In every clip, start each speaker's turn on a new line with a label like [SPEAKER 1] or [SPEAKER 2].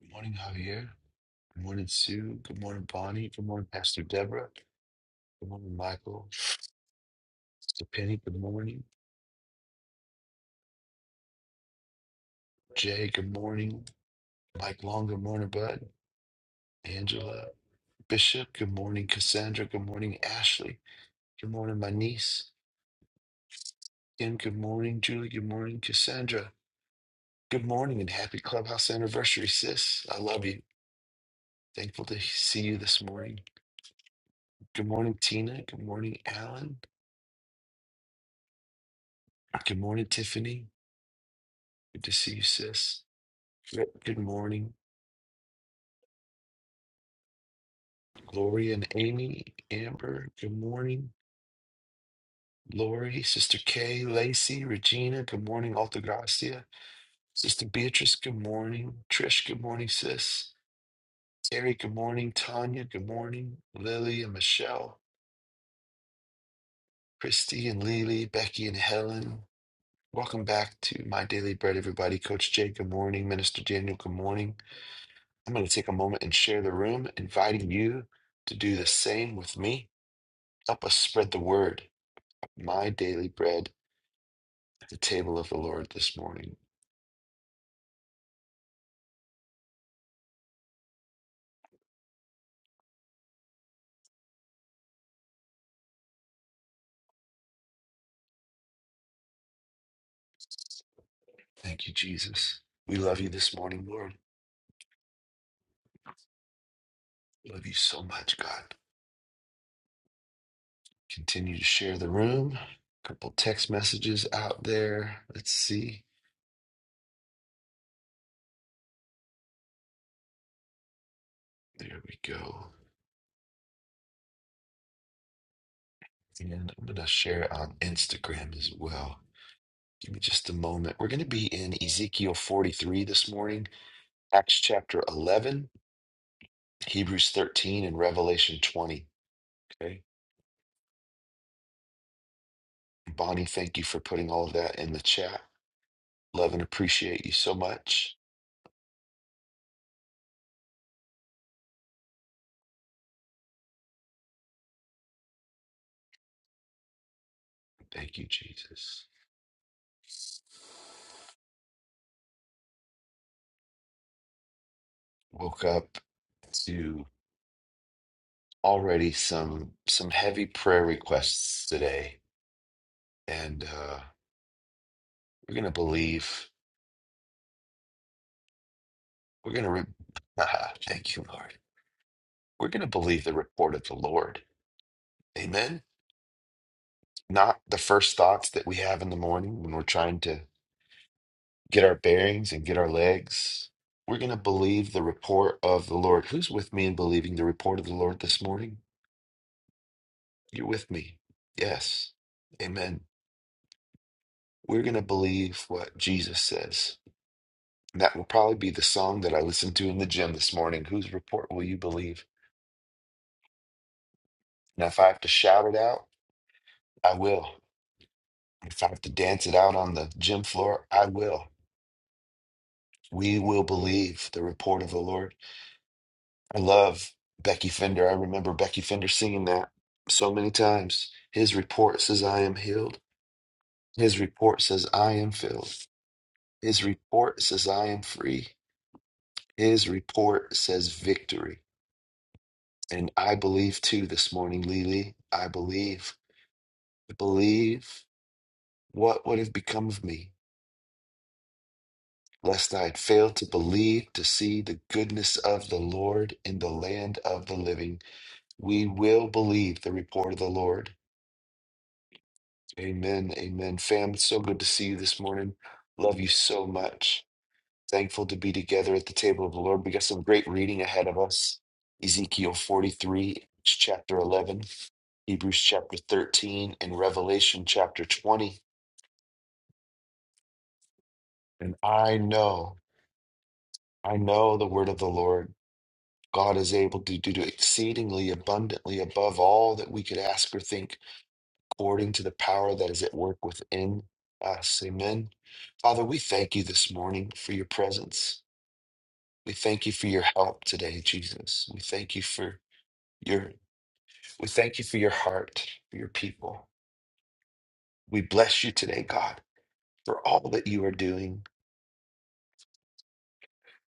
[SPEAKER 1] Good morning, Javier. Good morning, Sue. Good morning, Bonnie. Good morning, Pastor Deborah. Good morning, Michael. Sister Penny, good morning. Jay, good morning. Mike Long, good morning, Bud. Angela Bishop, good morning. Cassandra, good morning. Ashley, good morning, my niece. Kim, good morning. Julie, good morning. Cassandra, good morning and happy clubhouse anniversary, sis. I love you. Thankful to see you this morning. Good morning, Tina. Good morning, Alan. Good morning, Tiffany. Good to see you, sis. Good good morning. Gloria and Amy, Amber, good morning. Lori, Sister Kay, Lacey, Regina, good morning. Alta Gracia, Sister Beatrice, good morning. Trish, good morning, sis. Terry, good morning. Tanya, good morning. Lily and Michelle, Christy and Lily, Becky and Helen. Welcome back to My Daily Bread, everybody. Coach Jay, good morning. Minister Daniel, good morning. I'm going to take a moment and share the room, inviting you to do the same with me. Help us spread the word. of My Daily Bread the table of the Lord this morning. Thank you, Jesus. We love you this morning, Lord. Love you so much, God. Continue to share the room. A couple text messages out there. Let's see. There we go. And I'm going to share it on Instagram as well. Give me just a moment. We're going to be in Ezekiel 43 this morning, Acts chapter 11, Hebrews 13, and Revelation 20. Okay. Bonnie, thank you for putting all of that in the chat. Love and appreciate you so much. Thank you, Jesus. Woke up to already some some heavy prayer requests today, and uh, we're gonna believe. We're gonna. Re- Thank you, Lord. We're gonna believe the report of the Lord. Amen. Not the first thoughts that we have in the morning when we're trying to get our bearings and get our legs. We're gonna believe the report of the Lord. Who's with me in believing the report of the Lord this morning? You're with me. Yes. Amen. We're going to believe what Jesus says. And that will probably be the song that I listened to in the gym this morning. Whose report will you believe? Now, if I have to shout it out, I will. If I have to dance it out on the gym floor, I will. We will believe the report of the Lord. I love Becky Fender. I remember Becky Fender singing that so many times. His report says, I am healed. His report says, I am filled. His report says, I am free. His report says, victory. And I believe too this morning, Lily. I believe, believe what would have become of me, lest I had failed to believe to see the goodness of the Lord in the land of the living. We will believe the report of the Lord. Amen. Amen. Fam, it's so good to see you this morning. Love you so much. Thankful to be together at the table of the Lord. We got some great reading ahead of us. Ezekiel 43, chapter 11. Hebrews chapter 13 and Revelation chapter 20. And I know, I know the word of the Lord. God is able to do exceedingly abundantly above all that we could ask or think, according to the power that is at work within us. Amen. Father, we thank you this morning for your presence. We thank you for your help today, Jesus. We thank you for your we thank you for your heart, for your people. We bless you today, God, for all that you are doing.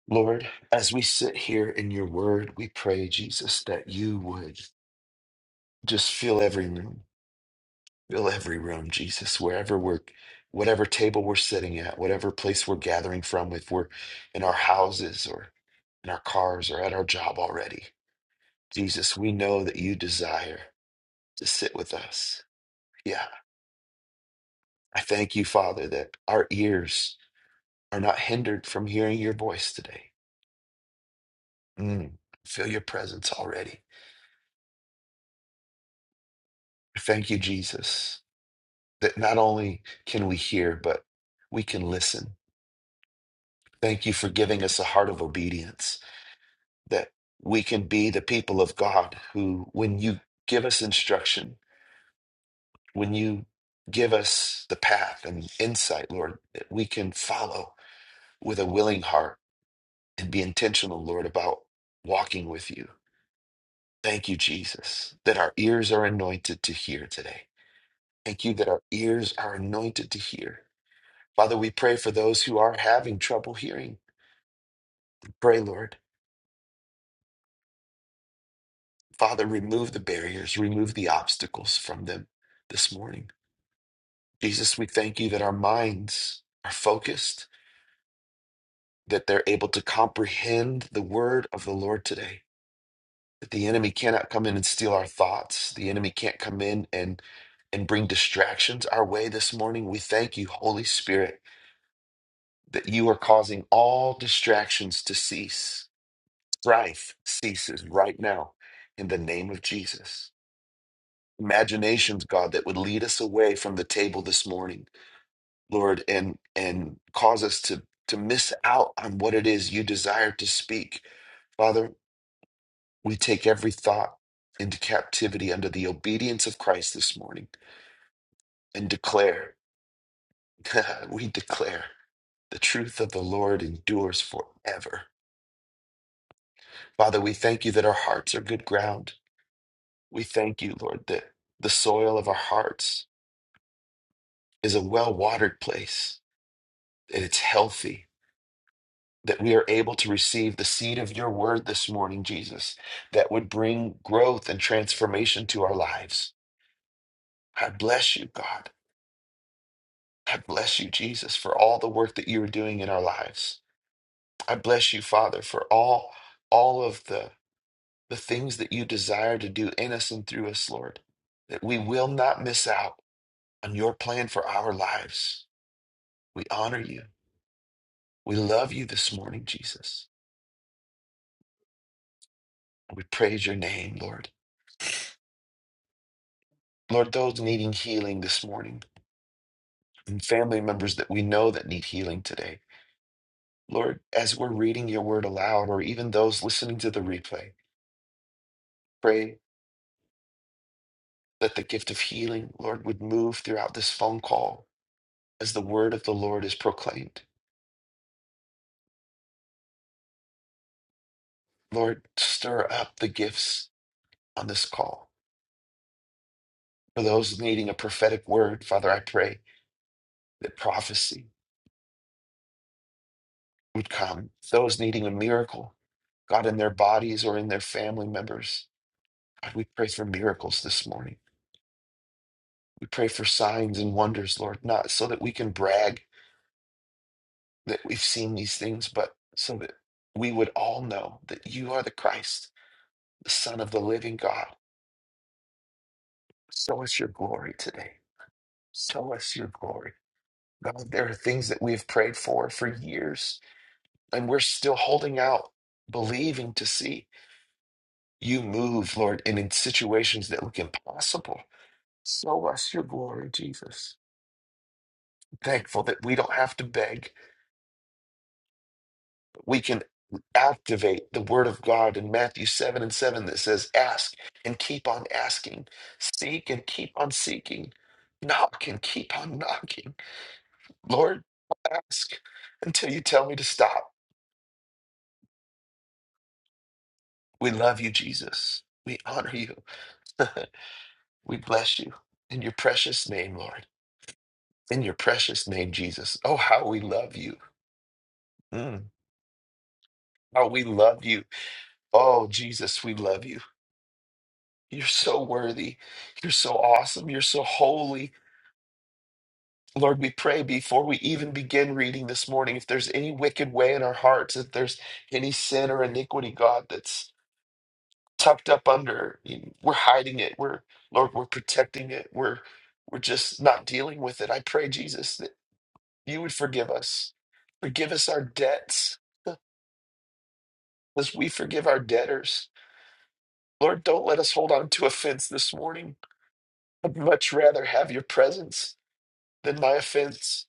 [SPEAKER 1] Lord, as we sit here in your word, we pray, Jesus, that you would just fill every room, fill every room, Jesus, wherever we're, whatever table we're sitting at, whatever place we're gathering from, if we're in our houses or in our cars or at our job already. Jesus, we know that you desire to sit with us. Yeah. I thank you, Father, that our ears are not hindered from hearing your voice today. Mm, feel your presence already. Thank you, Jesus. that not only can we hear, but we can listen. Thank you for giving us a heart of obedience, that we can be the people of God who, when you give us instruction, when you give us the path and insight, Lord, that we can follow with a willing heart and be intentional, Lord, about walking with you. Thank you, Jesus, that our ears are anointed to hear today. Thank you that our ears are anointed to hear. Father, we pray for those who are having trouble hearing. Pray, Lord. Father, remove the barriers, remove the obstacles from them this morning. Jesus, we thank you that our minds are focused, that they're able to comprehend the word of the Lord today, that the enemy cannot come in and steal our thoughts. The enemy can't come in and and bring distractions our way this morning. We thank you, Holy Spirit, that you are causing all distractions to cease. Strife ceases right now in the name of Jesus. imaginations, God, that would lead us away from the table this morning, Lord, and and cause us to to miss out on what it is you desire to speak. Father, we take every thought into captivity under the obedience of Christ this morning and declare, we declare the truth of the Lord endures forever. Father, we thank you that our hearts are good ground. We thank you, Lord, that the soil of our hearts is a well watered place, that it's healthy, that we are able to receive the seed of your word this morning, Jesus, that would bring growth and transformation to our lives. I bless you, God. I bless you, Jesus, for all the work that you are doing in our lives. I bless you, Father, for all all of the the things that you desire to do in us and through us, Lord, that we will not miss out on your plan for our lives. We honor you. We love you this morning, Jesus. We praise your name, Lord. Lord, those needing healing this morning, and family members that we know that need healing today. Lord, as we're reading your word aloud, or even those listening to the replay, pray that the gift of healing, Lord, would move throughout this phone call as the word of the Lord is proclaimed. Lord, stir up the gifts on this call. For those needing a prophetic word, Father, I pray that prophecy would come. Those needing a miracle, God, in their bodies or in their family members, God, we pray for miracles this morning. We pray for signs and wonders, Lord, not so that we can brag that we've seen these things, but so that we would all know that you are the Christ, the Son of the living God. Show us your glory today. Show us your glory. God, there are things that we have prayed for for years, and we're still holding out, believing to see you move, Lord, and in situations that look impossible. Show us your glory, Jesus. Thankful that we don't have to beg we can activate the word of God in Matthew 7 and 7 that says, Ask and keep on asking, seek and keep on seeking, knock and keep on knocking. Lord, I'll ask until you tell me to stop. We love you, Jesus. We honor you. we bless you in your precious name, Lord. In your precious name, Jesus. Oh, how we love you. Mm, how we love you. Oh, Jesus, we love you. You're so worthy. You're so awesome. You're so holy. Lord, we pray before we even begin reading this morning, if there's any wicked way in our hearts, if there's any sin or iniquity, God, that's tucked up under, you- we're hiding it. We're, Lord, we're protecting it. We're, we're just not dealing with it. I pray, Jesus, that you would forgive us. Forgive us our debts as we forgive our debtors. Lord, don't let us hold on to offense this morning. I'd much rather have your presence than my offense.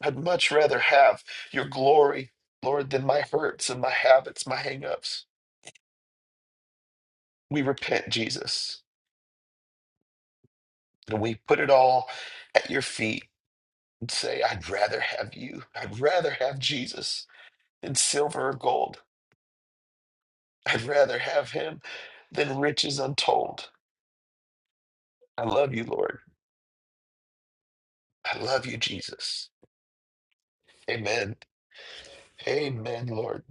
[SPEAKER 1] I'd much rather have your glory, Lord, than my hurts and my habits, my hangups. We repent, Jesus, and we put it all at your feet and say, I'd rather have you. I'd rather have Jesus than silver or gold. I'd rather have him than riches untold. I love you, Lord. I love you, Jesus. Amen. Amen, Lord.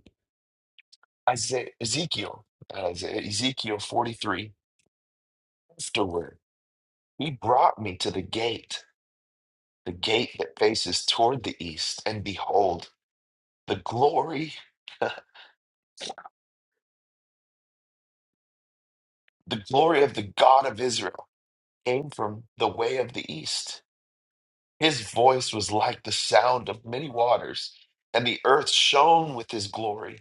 [SPEAKER 1] Isaiah, Ezekiel, not Isaiah, Ezekiel 43, afterward, he brought me to the gate the gate that faces toward the east, and behold, the glory, the glory of the God of Israel came from the way of the east. His voice was like the sound of many waters, and the earth shone with his glory.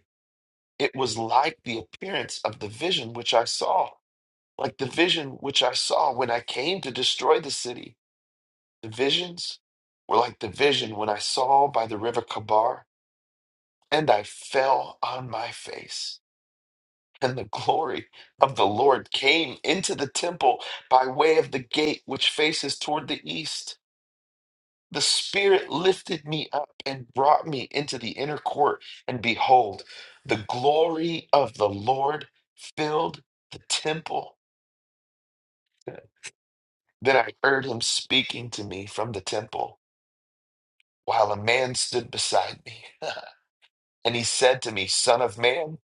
[SPEAKER 1] It was like the appearance of the vision which I saw, like the vision which I saw when I came to destroy the city. The visions were like the vision when I saw by the river Kabar, and I fell on my face. And the glory of the Lord came into the temple by way of the gate which faces toward the east. The Spirit lifted me up and brought me into the inner court, and behold, the glory of the Lord filled the temple. Then I heard him speaking to me from the temple, while a man stood beside me. and he said to me, Son of man,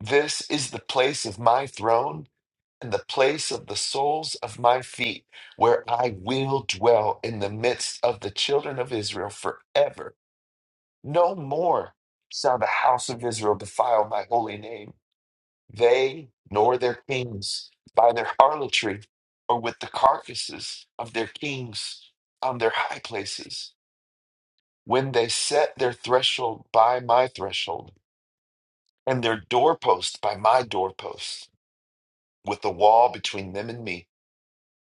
[SPEAKER 1] this is the place of my throne and the place of the soles of my feet, where I will dwell in the midst of the children of Israel forever. No more shall the house of Israel defile my holy name, they nor their kings, by their harlotry or with the carcasses of their kings on their high places, when they set their threshold by my threshold, and their doorpost by my doorpost, with the wall between them and me.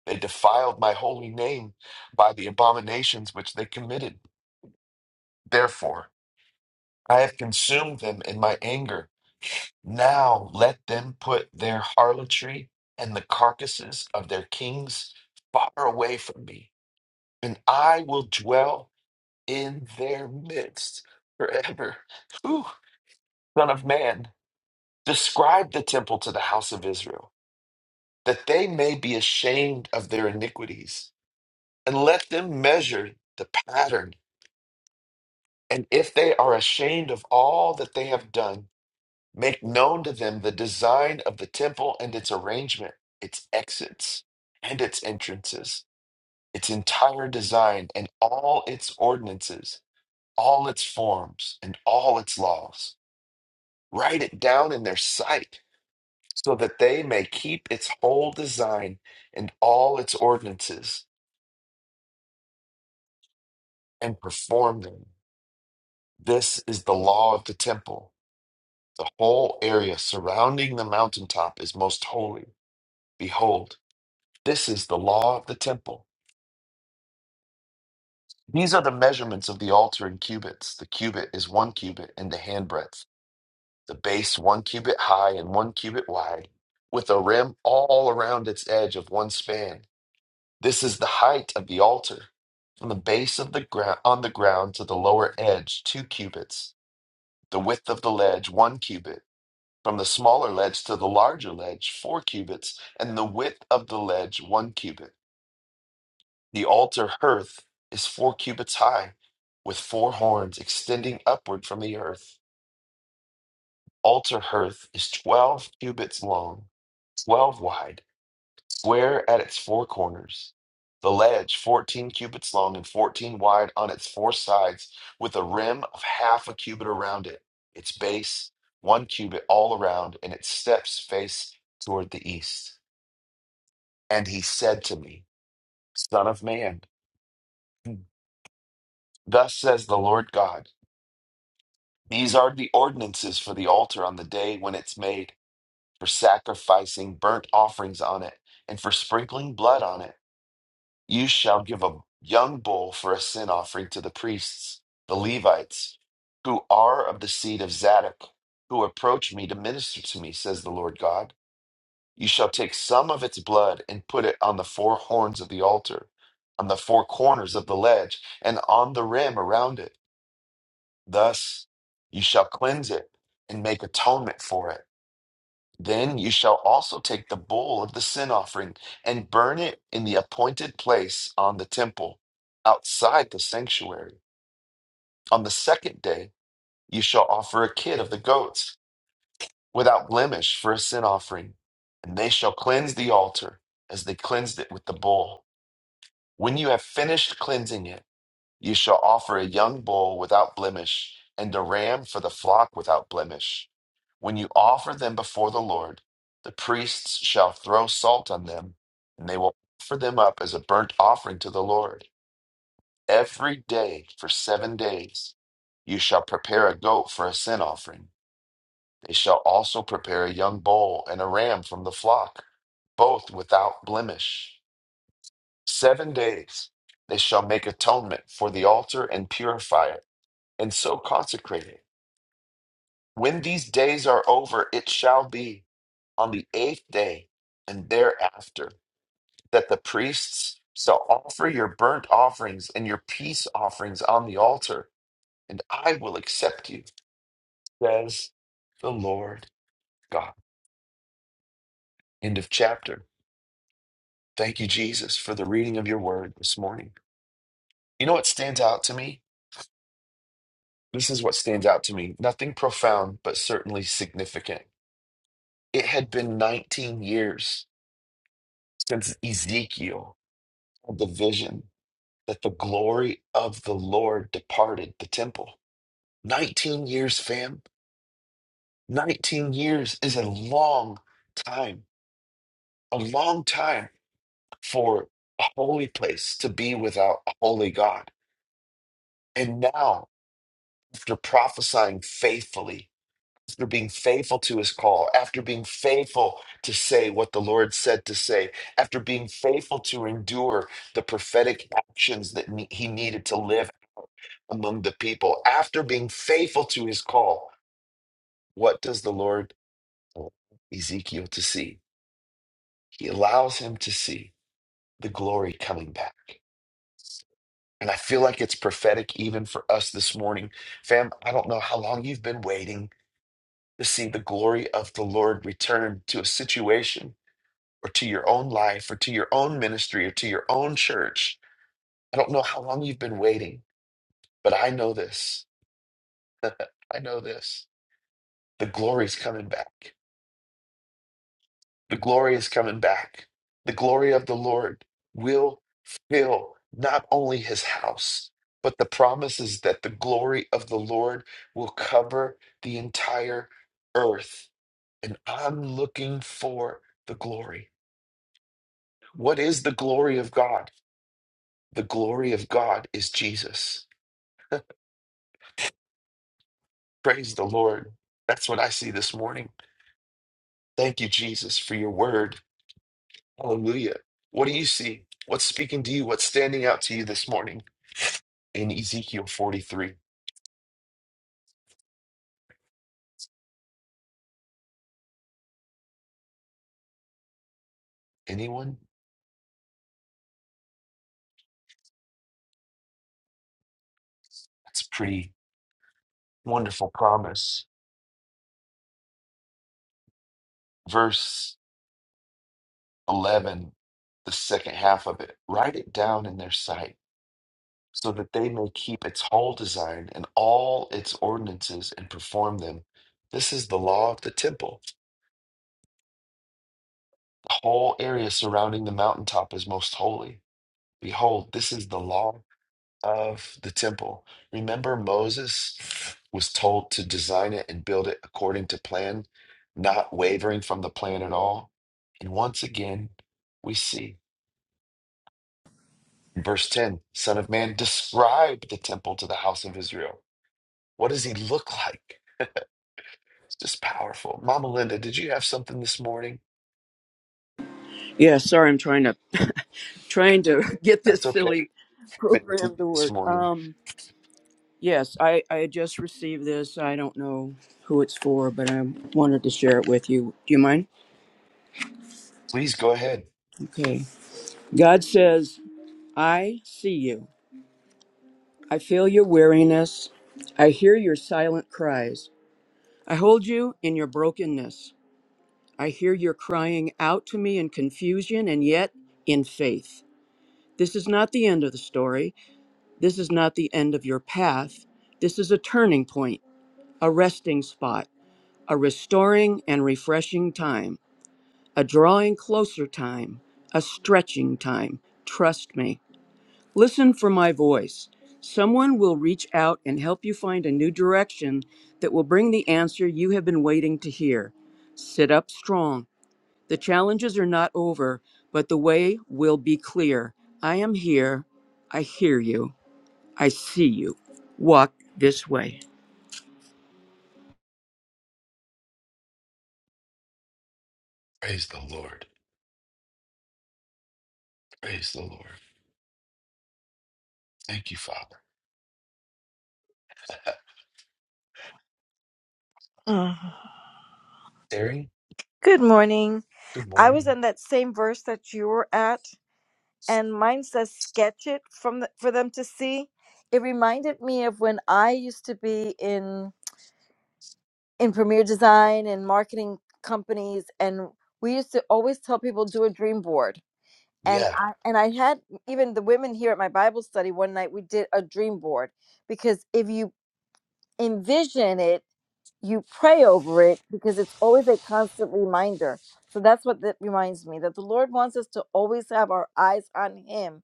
[SPEAKER 1] They defiled my holy name by the abominations which they committed. Therefore, I have consumed them in my anger. Now let them put their harlotry and the carcasses of their kings far away from me, and I will dwell in their midst forever. Whew, son of man, describe the temple to the house of Israel, that they may be ashamed of their iniquities, and let them measure the pattern And if they are ashamed of all that they have done, make known to them the design of the temple and its arrangement, its exits and its entrances, its entire design and all its ordinances, all its forms and all its laws. Write it down in their sight so that they may keep its whole design and all its ordinances and perform them. This is the law of the temple. The whole area surrounding the mountaintop is most holy. Behold, this is the law of the temple. These are the measurements of the altar in cubits. The cubit is one cubit and the handbreadth, the base one cubit high and one cubit wide, with a rim all around its edge of one span. This is the height of the altar. From the base of the ground on the ground to the lower edge, two cubits. The width of the ledge, one cubit From the smaller ledge to the larger ledge, four cubits, and the width of the ledge, one cubit. The altar hearth is four cubits high, with four horns extending upward from the earth. Altar hearth is twelve cubits long, twelve wide, square at its four corners. The ledge, fourteen cubits long and fourteen wide on its four sides, with a rim of half a cubit around it. Its base, one cubit all around, and its steps face toward the east. And he said to me, Son of man, thus says the Lord God, these are the ordinances for the altar on the day when it's made, for sacrificing burnt offerings on it, and for sprinkling blood on it. You shall give a young bull for a sin offering to the priests, the Levites, who are of the seed of Zadok, who approach me to minister to me, says the Lord God. You shall take some of its blood and put it on the four horns of the altar, on the four corners of the ledge, and on the rim around it. Thus you shall cleanse it and make atonement for it. Then you shall also take the bull of the sin offering and burn it in the appointed place on the temple, outside the sanctuary. On the second day you shall offer a kid of the goats without blemish for a sin offering, and they shall cleanse the altar as they cleansed it with the bull. When you have finished cleansing it, you shall offer a young bull without blemish and a ram for the flock without blemish. When you offer them before the Lord, the priests shall throw salt on them, and they will offer them up as a burnt offering to the Lord. Every day for seven days, you shall prepare a goat for a sin offering. They shall also prepare a young bull and a ram from the flock, both without blemish. Seven days they shall make atonement for the altar and purify it, and so consecrate it. When these days are over, it shall be on the eighth day and thereafter that the priests shall offer your burnt offerings and your peace offerings on the altar, and I will accept you, says the Lord God. End of chapter. Thank you, Jesus, for the reading of your word this morning. You know what stands out to me? This is what stands out to me. Nothing profound, but certainly significant. It had been 19 years since Ezekiel had the vision that the glory of the Lord departed the temple. 19 years, fam. 19 years is a long time, a long time for a holy place to be without a holy God. And now, after prophesying faithfully after being faithful to his call, after being faithful to say what the Lord said to say, after being faithful to endure the prophetic actions that ne- he needed to live among the people, after being faithful to his call, what does the Lord allow Ezekiel to see? He allows him to see the glory coming back. And I feel like it's prophetic even for us this morning. Fam, I don't know how long you've been waiting to see the glory of the Lord return to a situation or to your own life or to your own ministry or to your own church. I don't know how long you've been waiting, but I know this. I know this. The glory is coming back. The glory is coming back. The glory of the Lord will fill not only his house, but the promise is that the glory of the Lord will cover the entire earth. And I'm looking for the glory. What is the glory of God? The glory of God is Jesus. Praise the Lord. That's what I see this morning. Thank you, Jesus, for your word. Hallelujah. What do you see? What's speaking to you? What's standing out to you this morning in Ezekiel 43? Anyone? That's a pretty wonderful promise. Verse 11, the second half of it. Write it down in their sight so that they may keep its whole design and all its ordinances and perform them. This is the law of the temple The whole area surrounding the mountaintop is most holy. Behold, this is the law of the temple. Remember, Moses was told to design it and build it according to plan, not wavering from the plan at all. And once again, we see in verse 10 Son of man, describe the temple to the house of Israel. What does he look like? It's just powerful. Mama Linda, did you have something this morning?
[SPEAKER 2] Yeah, sorry, I'm trying to trying to get
[SPEAKER 1] That's
[SPEAKER 2] this
[SPEAKER 1] okay.
[SPEAKER 2] silly
[SPEAKER 1] If it
[SPEAKER 2] program to
[SPEAKER 1] did this
[SPEAKER 2] work.
[SPEAKER 1] morning,
[SPEAKER 2] Um, yes, I I just received this. I don't know who it's for, but I wanted to share it with you. Do you mind?
[SPEAKER 1] please go ahead.
[SPEAKER 2] Okay. God says, "I see you. I feel your weariness. I hear your silent cries. I hold you in your brokenness. I hear your crying out to me in confusion and yet in faith. This is not the end of the story. This is not the end of your path. This is a turning point, a resting spot, a restoring and refreshing time, a drawing closer time, a stretching time. Trust me. Listen for my voice. Someone will reach out and help you find a new direction that will bring the answer you have been waiting to hear. Sit up strong. The challenges are not over, but the way will be clear. I am here. I hear you. I see you. Walk this way.
[SPEAKER 1] Praise the Lord. Praise the Lord. Thank you, Father.
[SPEAKER 3] Mm.
[SPEAKER 1] Terry,
[SPEAKER 3] Good morning.
[SPEAKER 1] good
[SPEAKER 3] I was
[SPEAKER 1] morning.
[SPEAKER 3] in that same verse that you were at, and mine says sketch it from the, for them to see. It reminded me of when I used to be in in premier design and marketing companies and we used to always tell people do a dream board. And
[SPEAKER 1] Yeah.
[SPEAKER 3] I and I had even the women here at my Bible study one night we did a dream board because if you envision it you pray over it because it's always a constant reminder. So that's what that reminds me that the Lord wants us to always have our eyes on Him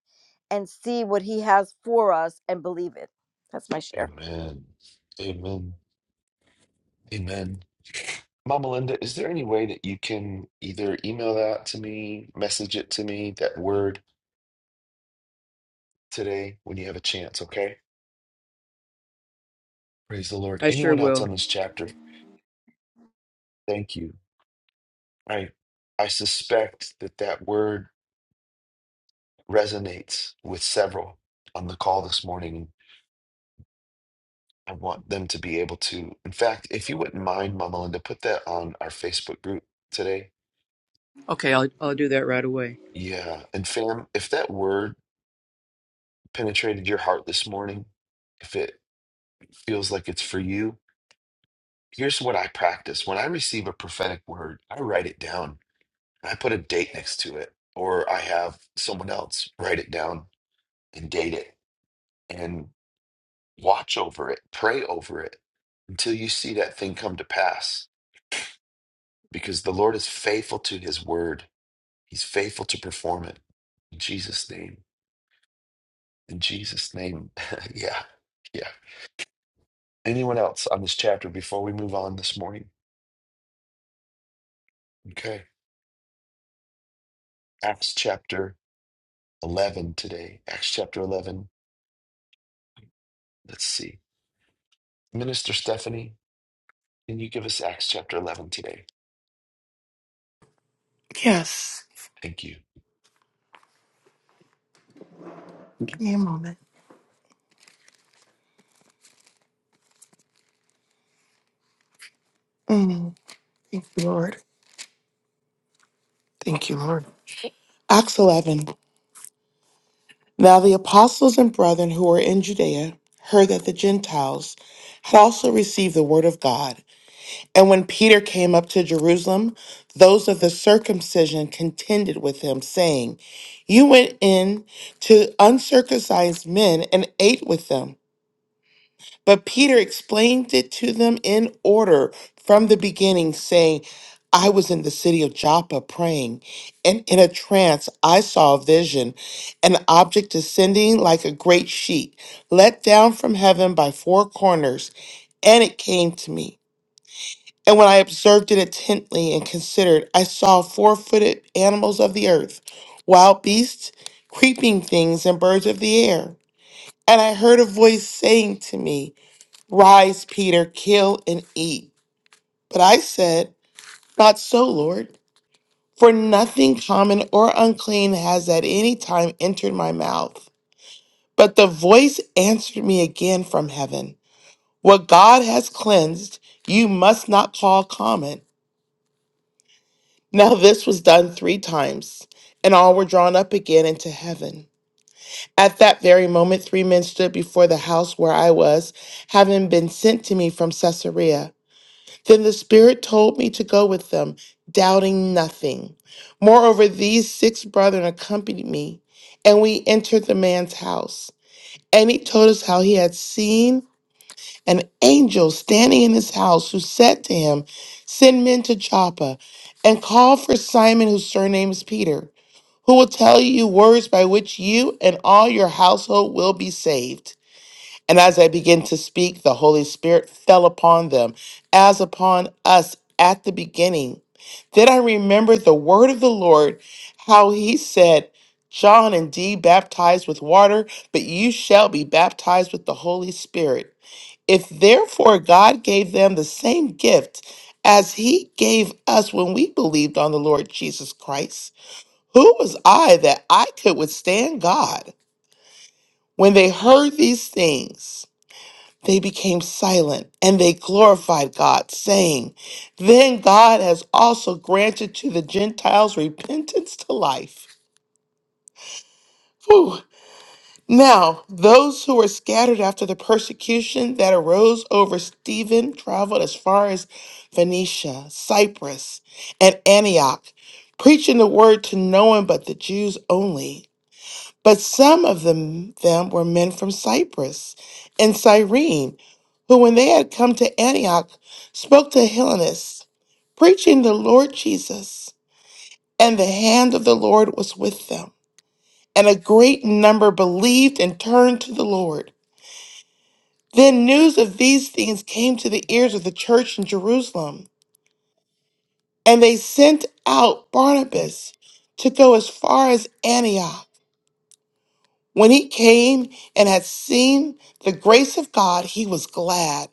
[SPEAKER 3] and see what He has for us and believe it. That's my share.
[SPEAKER 1] Amen. Amen. Amen. Mama Linda, is there any way that you can either email that to me, message it to me, that word today when you have a chance, okay? Praise the Lord.
[SPEAKER 2] I sure
[SPEAKER 1] Anyone else
[SPEAKER 2] will.
[SPEAKER 1] on this chapter? Thank you. I I suspect that that word resonates with several on the call this morning I want them to be able to. In fact, if you wouldn't mind, Mama Linda, put that on our Facebook group today.
[SPEAKER 2] Okay, I'll, I'll do that right away.
[SPEAKER 1] Yeah. And fam, if that word penetrated your heart this morning, if it feels like it's for you, here's what I practice. When I receive a prophetic word, I write it down. I put a date next to it, or I have someone else write it down and date it and watch over it, pray over it until you see that thing come to pass because the Lord is faithful to his word He's faithful to perform it. In Jesus' name. In Jesus' name. yeah. Yeah. Anyone else on this chapter before we move on this morning? Okay. Acts chapter 11 today. Acts chapter 11. Let's see. Minister Stephanie, can you give us Acts chapter 11 today?
[SPEAKER 4] Yes.
[SPEAKER 1] Thank you.
[SPEAKER 4] Give me a moment. Mm. Thank you, Lord. Thank you, Lord. Acts 11. Now the apostles and brethren who were in Judea heard that the Gentiles had also received the word of God. And when Peter came up to Jerusalem, those of the circumcision contended with him, saying, You went in to uncircumcised men and ate with them. But Peter explained it to them in order from the beginning, saying, I was in the city of Joppa praying, and in a trance I saw a vision, an object descending like a great sheet, let down from heaven by four corners, and it came to me. And when I observed it intently and considered, I saw four footed animals of the earth, wild beasts, creeping things, and birds of the air. And I heard a voice saying to me, Rise, Peter, kill and eat. But I said, Not so, Lord, for nothing common or unclean has at any time entered my mouth. But the voice answered me again from heaven What God has cleansed, you must not call common. Now this was done three times, and all were drawn up again into heaven. At that very moment, three men stood before the house where I was, having been sent to me from Caesarea. Then the Spirit told me to go with them, doubting nothing. Moreover, these six brethren accompanied me, and we entered the man's house. And he told us how he had seen an angel standing in his house who said to him, Send men to Joppa and call for Simon, whose surname is Peter, who will tell you words by which you and all your household will be saved. And as I began to speak, the Holy Spirit fell upon them as upon us at the beginning. Then I remembered the word of the Lord, how he said, John indeed baptized with water, but you shall be baptized with the Holy Spirit. If therefore God gave them the same gift as he gave us when we believed on the Lord Jesus Christ, who was I that I could withstand God? When they heard these things, they became silent and they glorified God, saying, Then God has also granted to the Gentiles repentance to life. Whew. Now, those who were scattered after the persecution that arose over Stephen traveled as far as Phoenicia, Cyprus, and Antioch, preaching the word to no one but the Jews only. But some of them, them were men from Cyprus and Cyrene, who, when they had come to Antioch, spoke to Hellenists, preaching the Lord Jesus. And the hand of the Lord was with them. And a great number believed and turned to the Lord. Then news of these things came to the ears of the church in Jerusalem, and they sent out Barnabas to go as far as Antioch. When he came and had seen the grace of God, he was glad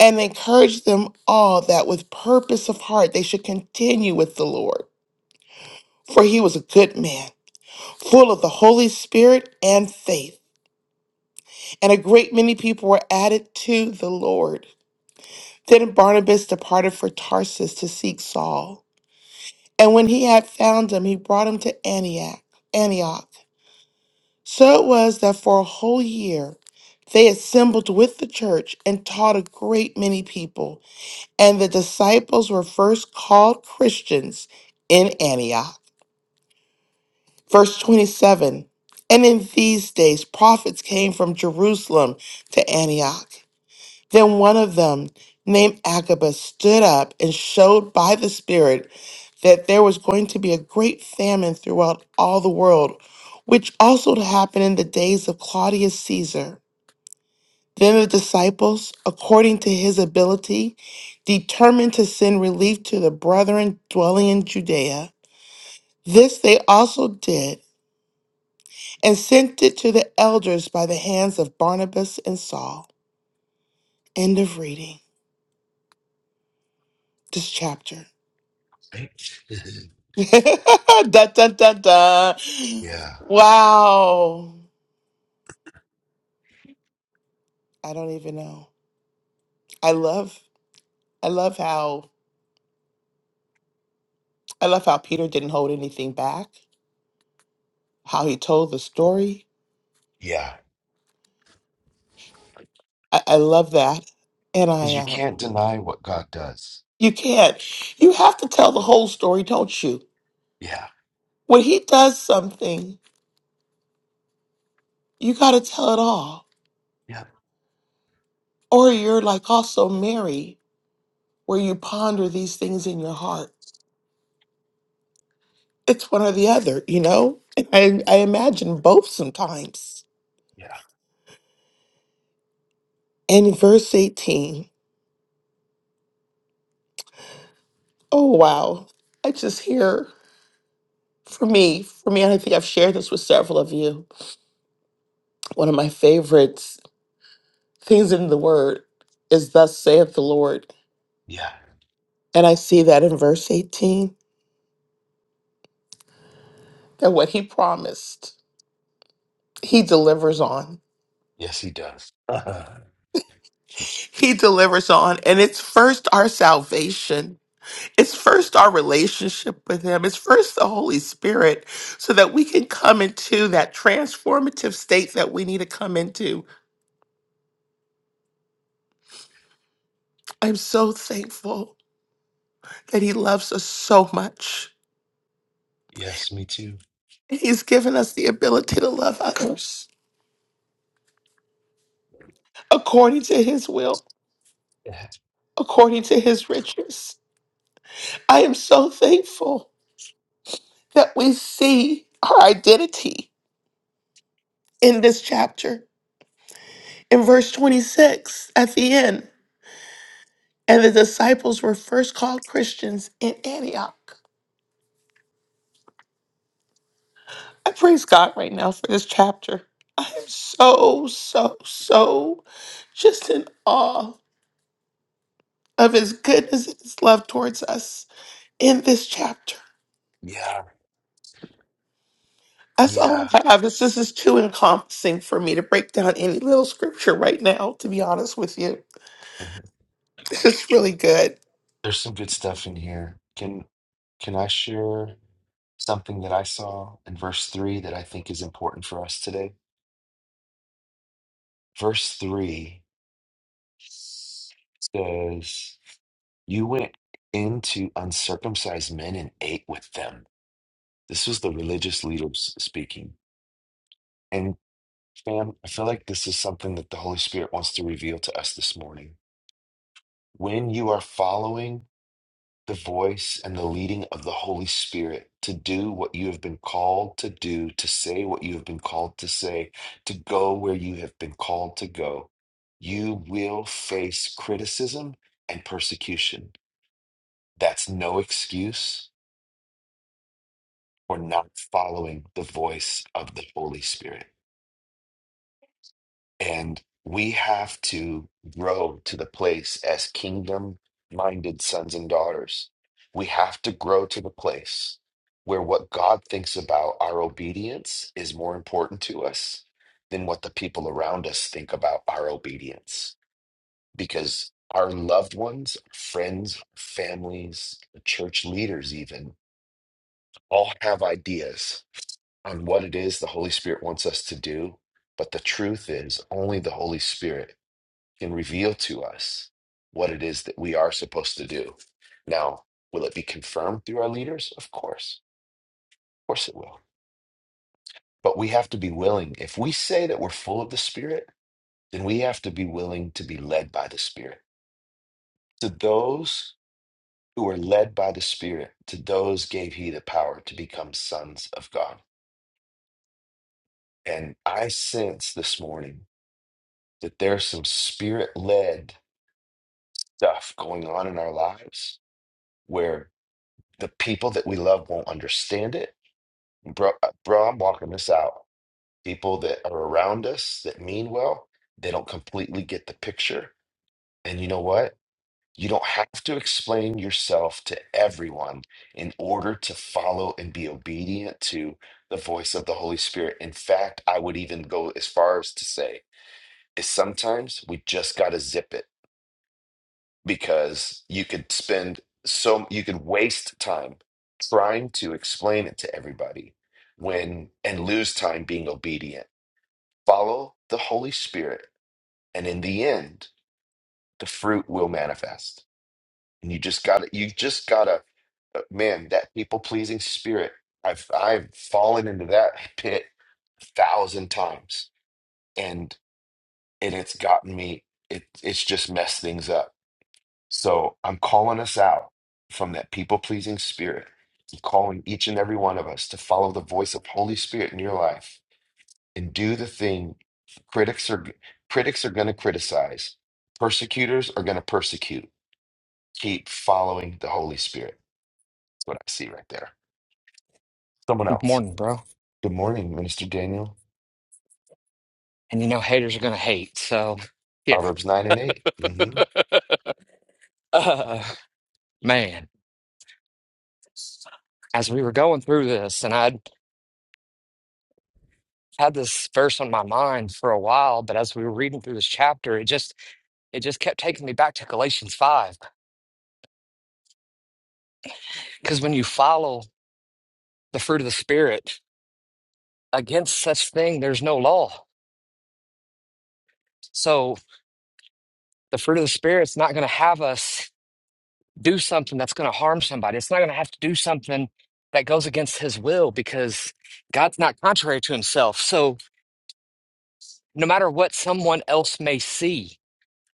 [SPEAKER 4] and encouraged them all that with purpose of heart they should continue with the Lord. For he was a good man, full of the Holy Spirit and faith. And a great many people were added to the Lord. Then Barnabas departed for Tarsus to seek Saul. And when he had found him, he brought him to Antioch. Antioch. So it was that for a whole year they assembled with the church and taught a great many people, and the disciples were first called Christians in Antioch. Verse 27 And in these days prophets came from Jerusalem to Antioch. Then one of them, named Agabus, stood up and showed by the Spirit that there was going to be a great famine throughout all the world, which also happened in the days of Claudius Caesar. Then the disciples, according to his ability, determined to send relief to the brethren dwelling in Judea. This they also did, and sent it to the elders by the hands of Barnabas and Saul. End of reading this chapter. dun, dun, dun, dun.
[SPEAKER 1] yeah.
[SPEAKER 4] Wow. I don't even know. I love I love how I love how Peter didn't hold anything back, how he told the story.
[SPEAKER 1] Yeah.
[SPEAKER 4] I, I love that. And
[SPEAKER 1] Because
[SPEAKER 4] I
[SPEAKER 1] you
[SPEAKER 4] um,
[SPEAKER 1] can't deny what God does.
[SPEAKER 4] You can't. You have to tell the whole story, don't you?
[SPEAKER 1] Yeah.
[SPEAKER 4] When he does something, you got to tell it all.
[SPEAKER 1] Yeah.
[SPEAKER 4] Or you're like also Mary, where you ponder these things in your heart. It's one or the other, you know? And I, I imagine both sometimes.
[SPEAKER 1] Yeah.
[SPEAKER 4] And in verse 18, oh, wow. I just hear, for me, for me, and I think I've shared this with several of you, one of my favorite things in the word is, Thus saith the Lord.
[SPEAKER 1] Yeah.
[SPEAKER 4] And I see that in verse 18 that what he promised, he delivers on.
[SPEAKER 1] Yes, he does.
[SPEAKER 4] He delivers on. And it's first our salvation, it's first our relationship with him, it's first the Holy Spirit, so that we can come into that transformative state that we need to come into. I'm so thankful that he loves us so much.
[SPEAKER 1] yes, me too.
[SPEAKER 4] He's given us the ability to love others according to his will,
[SPEAKER 1] Yeah.
[SPEAKER 4] according to his riches. I am so thankful that we see our identity in this chapter. In verse 26, at the end, and the disciples were first called Christians in Antioch. I praise God right now for this chapter. I am so, so, so just in awe of his goodness and his love towards us in this chapter.
[SPEAKER 1] Yeah.
[SPEAKER 4] That's all
[SPEAKER 1] yeah.
[SPEAKER 4] I have. This, this is too encompassing for me to break down any little scripture right now, to be honest with you. This is really good.
[SPEAKER 1] There's some good stuff in here. Can can I share something that I saw in verse 3 that I think is important for us today? Verse 3 says, You went into uncircumcised men and ate with them. This was the religious leaders speaking. And fam, I feel like this is something that the Holy Spirit wants to reveal to us this morning. When you are following the voice and the leading of the Holy Spirit to do what you have been called to do, to say what you have been called to say, to go where you have been called to go, you will face criticism and persecution. That's no excuse for not following the voice of the Holy Spirit. And we have to grow to the place as kingdom minded sons and daughters. We have to grow to the place where what God thinks about our obedience is more important to us than what the people around us think about our obedience. Because our loved ones, friends, families, church leaders, even all have ideas on what it is the Holy Spirit wants us to do. But the truth is, only the Holy Spirit can reveal to us what it is that we are supposed to do. Now, will it be confirmed through our leaders? Of course. Of course it will. But we have to be willing. If we say that we're full of the Spirit, then we have to be willing to be led by the Spirit. To those who are led by the Spirit, to those gave he the power to become sons of God. And I sense this morning that there's some spirit led stuff going on in our lives where the people that we love won't understand it Bro, uh, bro, I'm walking this out. People that are around us that mean well, they don't completely get the picture. And you know what? You don't have to explain yourself to everyone in order to follow and be obedient to the voice of the Holy Spirit. In fact, I would even go as far as to say, is sometimes we just got to zip it because you could spend so you could waste time trying to explain it to everybody when and lose time being obedient follow the holy spirit and in the end the fruit will manifest and you just gotta you just gotta uh, man that people pleasing spirit i've i've fallen into that pit a thousand times and and it's gotten me it it's just messed things up So I'm calling us out from that people pleasing spirit. I'm calling each and every one of us to follow the voice of Holy Spirit in your life and do the thing critics are critics are going to criticize, persecutors are going to persecute. Keep following the Holy Spirit. That's what I see right there. Someone else.
[SPEAKER 5] Morning, bro.
[SPEAKER 1] Good morning, Minister Daniel.
[SPEAKER 5] And you know, haters are gonna hate. So, you know,
[SPEAKER 1] Proverbs nine and 8 Mm-hmm.
[SPEAKER 5] uh, man, as we were going through this, and I'd had this verse on my mind for a while, but as we were reading through this chapter, it just it just kept taking me back to Galatians five. Because when you follow the fruit of the spirit, against such thing there's no law. So the fruit of the spirit's not gonna have us do something that's gonna harm somebody. It's not gonna have to do something that goes against his will because God's not contrary to himself. So no matter what someone else may see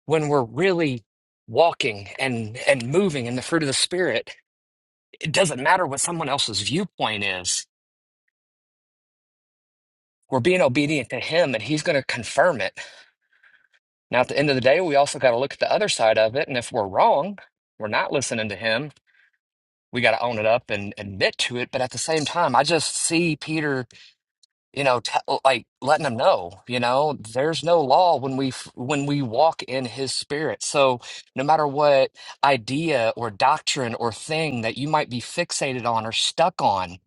[SPEAKER 5] when we're really walking and and moving in the fruit of the spirit it doesn't matter what someone else's viewpoint is we're being obedient to him and he's going to confirm it now at the end of the day we also got to look at the other side of it and if we're wrong we're not listening to him we got to own it up and admit to it but at the same time i just see peter you know, t uh, like letting them know, you know, there's no law when we f- when we walk in His Spirit. So no matter what idea or doctrine or thing that you might be fixated on or stuck on,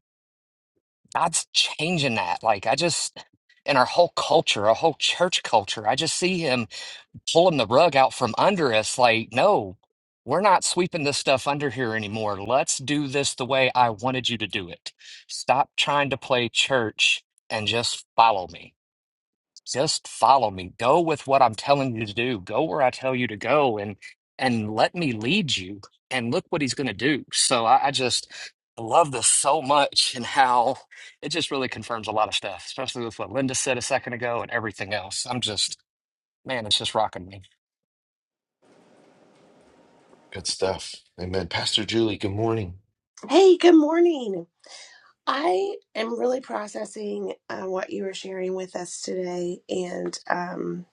[SPEAKER 5] God's changing that. Like I just in our whole culture, our whole church culture, I just see Him pulling the rug out from under us. Like, no, we're not sweeping this stuff under here anymore. Let's do this the way I wanted you to do it. Stop trying to play church and just follow me just follow me go with what i'm telling you to do go where i tell you to go and and let me lead you and look what he's going to do so I, I just love this so much and how it just really confirms a lot of stuff especially with what linda said a second ago and everything else i'm just man it's just rocking me
[SPEAKER 1] Good stuff. Amen. Pastor Julie. Good morning.
[SPEAKER 6] Hey, good morning. I am really processing uh, what you were sharing with us today, and um,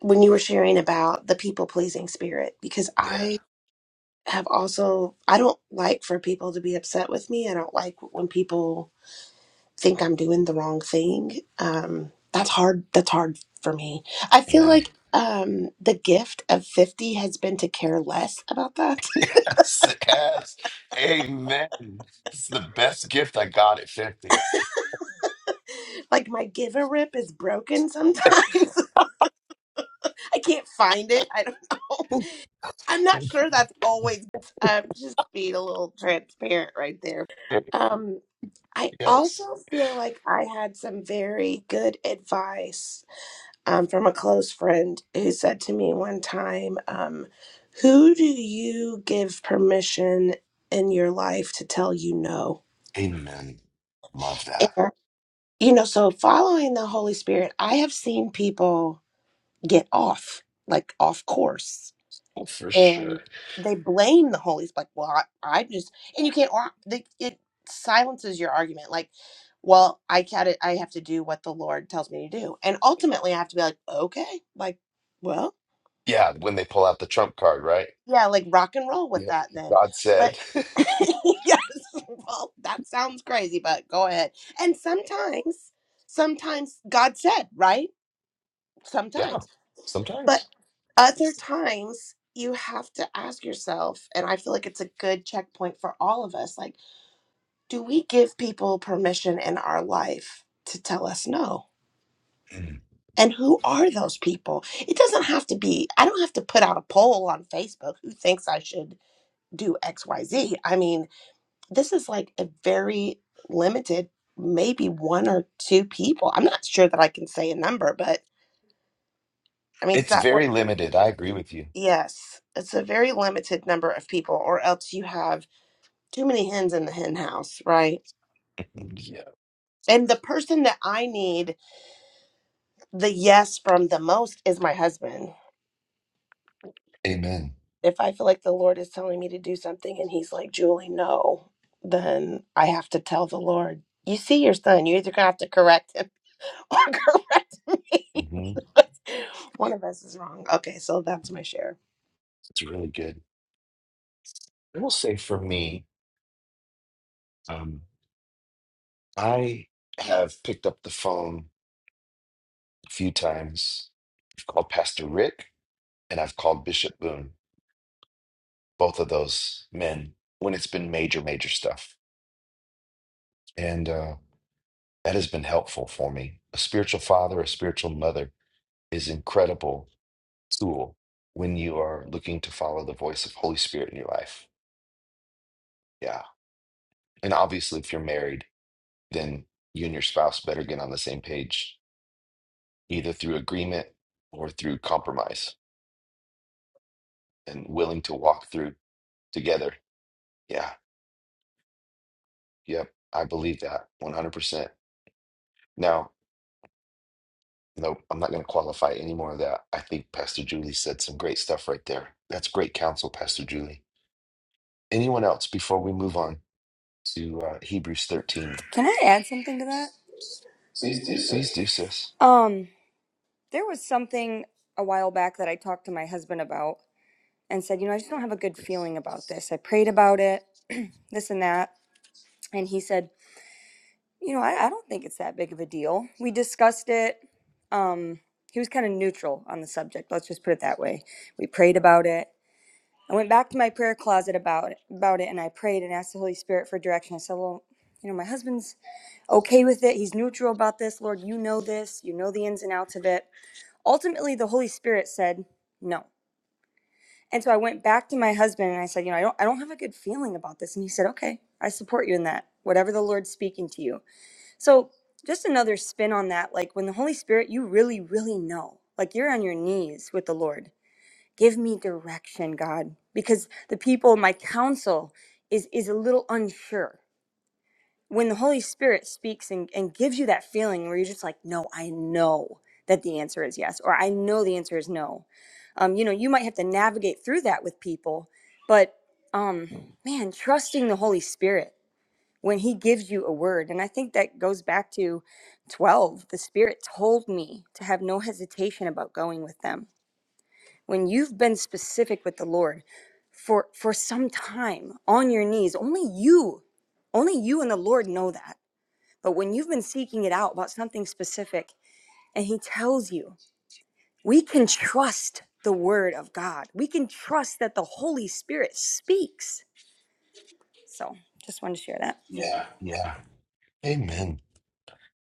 [SPEAKER 6] when you were sharing about the people pleasing spirit, because
[SPEAKER 1] Yeah.
[SPEAKER 6] I have also, I don't like for people to be upset with me. I don't like when people think I'm doing the wrong thing. Um, that's hard. That's hard for me. I feel
[SPEAKER 1] Amen.
[SPEAKER 6] like um, the gift of 50 has been to care less about that.
[SPEAKER 1] Yes, it has. Amen. It's the best gift I got at 50.
[SPEAKER 6] like my give a rip is broken sometimes. I can't find it. I don't know. I'm not sure that's always. I'm just being a little transparent right there. Um, I
[SPEAKER 1] yes.
[SPEAKER 6] also feel like I had some very good advice um, from a close friend who said to me one time, um, "Who do you give permission in your life to tell you no?"
[SPEAKER 1] Amen. Love that.
[SPEAKER 6] And, you know, so following the Holy Spirit, I have seen people get off, like off course
[SPEAKER 1] Oh, for sure.
[SPEAKER 6] and they blame the Holy Spirit. Like, well, I, I just and you can't. ar- They, it silences your argument. Like, well, I got It. I have to do what the Lord tells me to do, and ultimately, I have to be like, okay, like, well,
[SPEAKER 1] Yeah, when they pull out the trump card, right?
[SPEAKER 6] yeah, like rock and roll with
[SPEAKER 1] Yeah.
[SPEAKER 6] that then.
[SPEAKER 1] God
[SPEAKER 6] But
[SPEAKER 1] said.
[SPEAKER 6] yes, well, that sounds crazy, but go ahead. And sometimes, sometimes God said, right?
[SPEAKER 1] yeah,
[SPEAKER 6] Sometimes. But
[SPEAKER 1] sometimes.
[SPEAKER 6] other times you have to ask yourself, and I feel like it's a good checkpoint for all of us like, do we give people permission in our life to tell us no?
[SPEAKER 1] Mm.
[SPEAKER 6] And who are those people? It doesn't have to be, I don't have to put out a poll on Facebook who thinks I should do X, Y, Z. I mean, this is like a very limited, maybe one or two people. I'm not sure that I can say a number, but I mean, does
[SPEAKER 1] It's
[SPEAKER 6] that work?
[SPEAKER 1] very limited. I agree with you.
[SPEAKER 6] Yes, it's a very limited number of people, or else you have too many hens in the hen house, right?
[SPEAKER 1] Yeah.
[SPEAKER 6] And the person that I need the yes from the most is my husband.
[SPEAKER 1] Amen.
[SPEAKER 6] If I feel like the Lord is telling me to do something and he's like, Julie, no, then I have to tell the Lord, you see your son, you're either going to have to correct him or correct me.
[SPEAKER 1] hmm
[SPEAKER 6] One of us is wrong. Okay, so that's my share.
[SPEAKER 1] It's really good. I will say for me, um, I have picked up the phone a few times. I've called Pastor Rick and I've called Bishop Boone, both of those men, when it's been major, major stuff. And uh, that has been helpful for me. A spiritual father, a spiritual mother is incredible tool when you are looking to follow the voice of Holy Spirit in your life. Yeah. And obviously, if you're married, then you and your spouse better get on the same page, either through agreement or through compromise and willing to walk through together. Yeah. Yep. I believe that 100%. Now, no, I'm not going to qualify any more of that. I think Pastor Julie said some great stuff right there. That's great counsel, Pastor Julie. Anyone else before we move on to uh, Hebrews 13?
[SPEAKER 7] Can I add something to that? Please do,
[SPEAKER 1] Please
[SPEAKER 7] sis.
[SPEAKER 1] do, sis.
[SPEAKER 7] Um, there was something a while back that I talked to my husband about and said, you know, I just don't have a good feeling about this. I prayed about it, this and that. And he said, you know, I, I don't think it's that big of a deal. We discussed it. Um, he was kind of neutral on the subject. Let's just put it that way. We prayed about it. I went back to my prayer closet about it, about it, and I prayed and asked the Holy Spirit for direction. I said, "Well, you know, my husband's okay with it. He's neutral about this. Lord, you know this. You know the ins and outs of it. Ultimately, the Holy Spirit said no. And so I went back to my husband and I said, you know, I don't I don't have a good feeling about this. And he said, "Okay, I support you in that. Whatever the Lord's speaking to you." So, just another spin on that, like when the Holy Spirit, you really really know. Like you're on your knees with the Lord. Give me direction, God, because the people, my counsel is is a little unsure when the Holy Spirit speaks and, and gives you that feeling where you're just like, no, I know that the answer is yes, or I know the answer is no. Um, you know, you might have to navigate through that with people, but um, man, trusting the Holy Spirit when He gives you a word. And I think that goes back to 12. The Spirit told me to have no hesitation about going with them. When you've been specific with the Lord for, for some time on your knees, only you, only you and the Lord know that but when you've been seeking it out about something specific and He tells you, we can trust the Word of God. We can trust that the Holy Spirit speaks. So just wanted to share that. Yeah.
[SPEAKER 1] Yeah. Amen.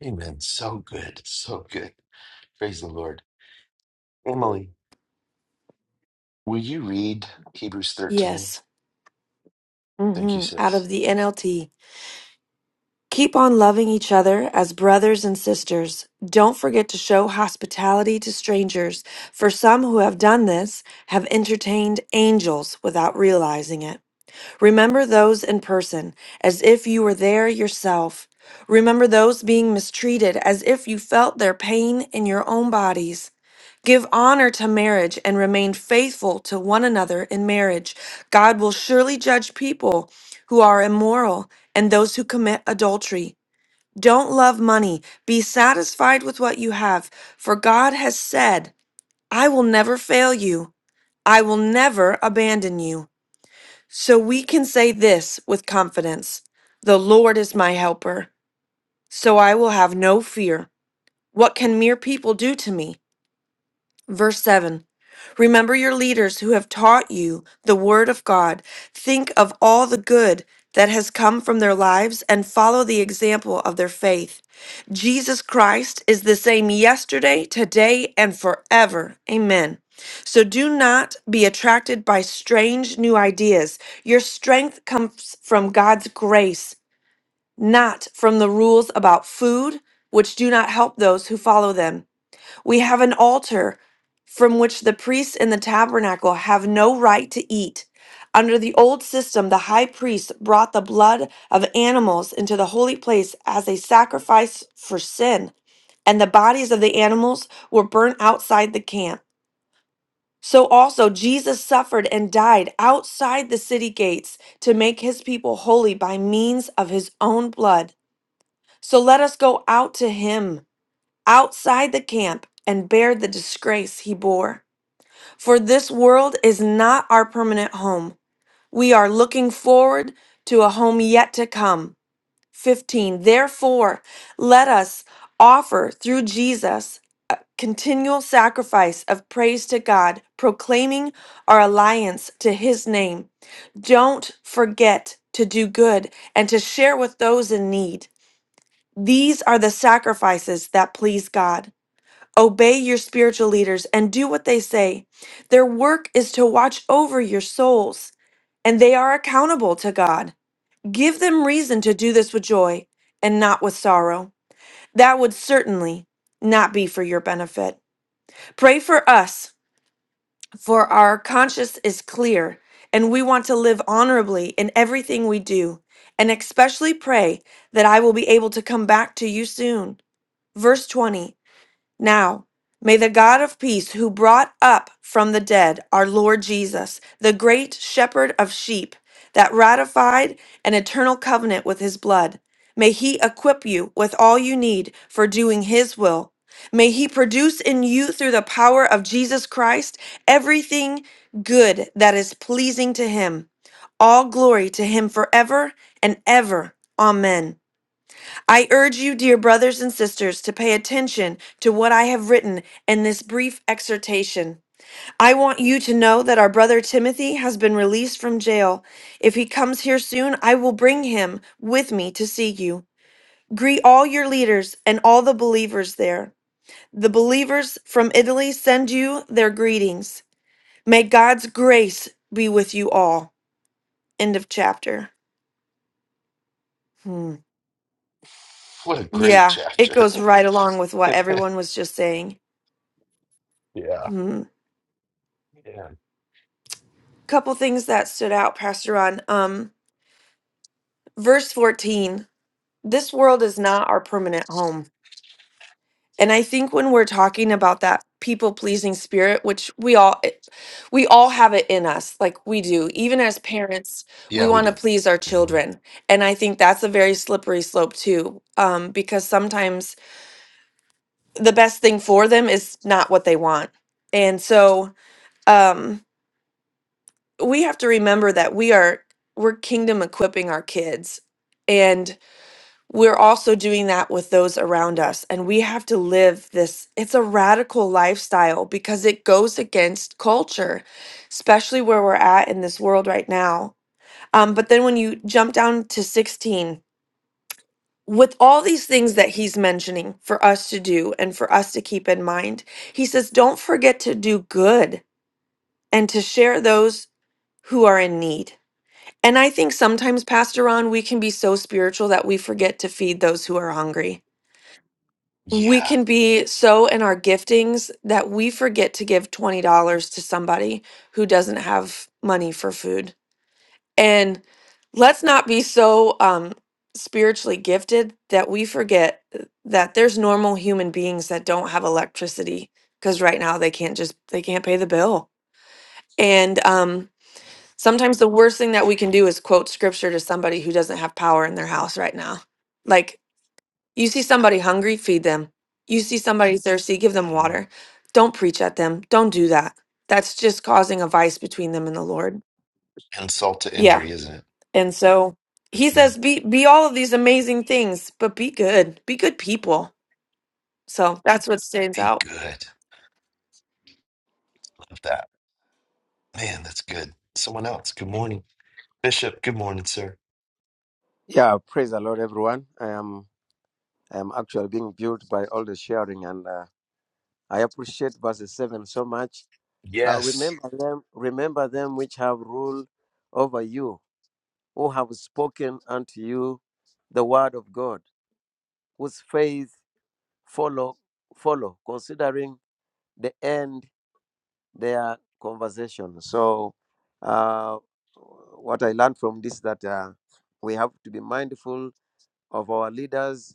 [SPEAKER 1] Amen. So good. So good. Praise the Lord. Emily, will you read Hebrews 13?
[SPEAKER 8] Yes.
[SPEAKER 1] Thank you,
[SPEAKER 8] hmm Out
[SPEAKER 1] sis.
[SPEAKER 8] of the NLT. Keep on loving each other as brothers and sisters. Don't forget to show hospitality to strangers, for some who have done this have entertained angels without realizing it. Remember those in person, as if you were there yourself. Remember those being mistreated, as if you felt their pain in your own bodies. Give honor to marriage and remain faithful to one another in marriage. God will surely judge people who are immoral and those who commit adultery. Don't love money. Be satisfied with what you have, for God has said, I will never fail you, I will never abandon you. So we can say this with confidence The Lord is my helper, so I will have no fear. What can mere people do to me? Verse 7. Remember your leaders who have taught you the Word of God. Think of all the good that has come from their lives and follow the example of their faith. Jesus Christ is the same yesterday, today, and forever. Amen. So do not be attracted by strange new ideas. Your strength comes from God's grace, not from the rules about food, which do not help those who follow them. We have an altar from which the priests in the tabernacle have no right to eat. Under the old system, the high priest brought the blood of animals into the holy place as a sacrifice for sin, and the bodies of the animals were burnt outside the camp. So also Jesus suffered and died outside the city gates to make his people holy by means of his own blood. So let us go out to him outside the camp and bear the disgrace he bore. For this world is not our permanent home. We are looking forward to a home yet to come. 15. Therefore, let us offer through Jesus a continual sacrifice of praise to God, proclaiming our alliance to his name. Don't forget to do good and to share with those in need. These are the sacrifices that please God. Obey your spiritual leaders and do what they say. Their work is to watch over your souls, and they are accountable to God. Give them reason to do this with joy and not with sorrow. That would certainly not be for your benefit. Pray for us, for our conscience is clear, and we want to live honorably in everything we do. And especially pray that I will be able to come back to you soon. Verse 20 now, may the God of peace, who brought up from the dead our Lord Jesus, the great shepherd of sheep, that ratified an eternal covenant with his blood, may he equip you with all you need for doing his will. May he produce in you, through the power of Jesus Christ, everything good that is pleasing to him. All glory to him forever and ever. Amen. I urge you, dear brothers and sisters, to pay attention to what I have written in this brief exhortation. I want you to know that our brother Timothy has been released from jail. If he comes here soon, I will bring him with me to see you. Greet all your leaders and all the believers there. The believers from Italy send you their greetings. May God's grace be with you all. End of chapter. Hmm.
[SPEAKER 1] What a great
[SPEAKER 8] Yeah, it
[SPEAKER 1] chapter.
[SPEAKER 8] goes right along with what
[SPEAKER 1] yeah.
[SPEAKER 8] everyone was just saying.
[SPEAKER 1] Yeah.
[SPEAKER 8] Hmm. couple things that stood out, Pastor Ron. Um, verse 14, this world is not our permanent home. And I think when we're talking about that people pleasing spirit, which we all it- we all have it in us, like we do, even as parents, we
[SPEAKER 1] Yeah, we
[SPEAKER 8] want to
[SPEAKER 1] do.
[SPEAKER 8] please our children. And I think that's a very slippery slope too, um, because sometimes the best thing for them is not what they want. And so, um, we have to remember that we are we're kingdom equipping our kids and we're also doing that with those around us and we have to live this it's a radical lifestyle because it goes against culture especially where we're at in this world right now um, but then when you jump down to 16 with all these things that he's mentioning for us to do and for us to keep in mind he says don't forget to do good and to share those who are in need And I think sometimes, Pastor Ron, we can be so spiritual that we forget to feed those who are hungry. We
[SPEAKER 1] Yeah.
[SPEAKER 8] can be so in our giftings that we forget to give $20 to somebody who doesn't have money for food. And let's not be so um, spiritually gifted that we forget that there's normal human beings that don't have electricity because right now they can't just they can't pay the bill. And um, Sometimes the worst thing that we can do is quote scripture to somebody who doesn't have power in their house right now. Like, you see somebody hungry, feed them. You see somebody thirsty, give them
[SPEAKER 1] Mhm.
[SPEAKER 8] water. Don't preach at them. Don't do that. That's just causing a vice between them and the Lord.
[SPEAKER 1] Insult to
[SPEAKER 8] Yeah.
[SPEAKER 1] injury, isn't it?
[SPEAKER 8] And so he
[SPEAKER 1] Mhm.
[SPEAKER 8] says, be, be all of these amazing things, but be good. Be good people. So that's what stands
[SPEAKER 1] Be
[SPEAKER 8] out.
[SPEAKER 1] good. Love that. Man, that's good. Someone else. Good morning. Bishop, good morning, sir.
[SPEAKER 9] Yeah, praise the Lord, everyone. I am I am actually being built by all the sharing, and uh, I appreciate verses seven so much. Uh,
[SPEAKER 1] Yes.
[SPEAKER 9] remember them, remember them which have rule over you, who have spoken unto you the word of God, whose faith follow follow, considering the end their conversation. So, uh, what I learned from this that uh, we have to be mindful of our leaders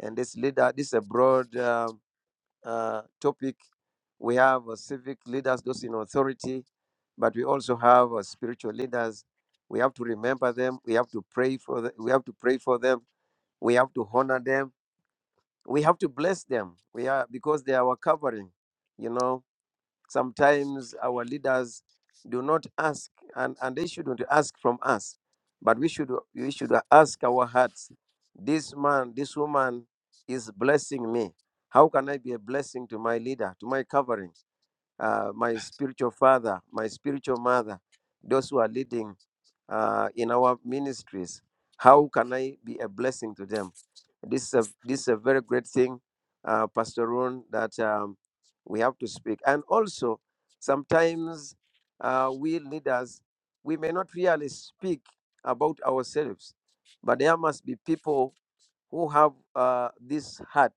[SPEAKER 9] and this leader this is a broad um, uh, topic we have uh, civic leaders those in authority but we also have uh, spiritual leaders we have to remember them we have to pray for them we have to pray for them we have to honor them we have to bless them we are because they are our covering you know Sometimes our leaders do not ask, and, and they shouldn't ask from us, but we should we should ask our hearts. This man, this woman is blessing me. How can I be a blessing to my leader, to my covering, uh, my spiritual father, my spiritual mother, those who are leading uh, in our ministries? How can I be a blessing to them? This is a this is a very great thing, uh, Pastor Ron, that um, we have to speak. And also, sometimes uh, we leaders we may not really speak about ourselves, but there must be people who have uh, this heart,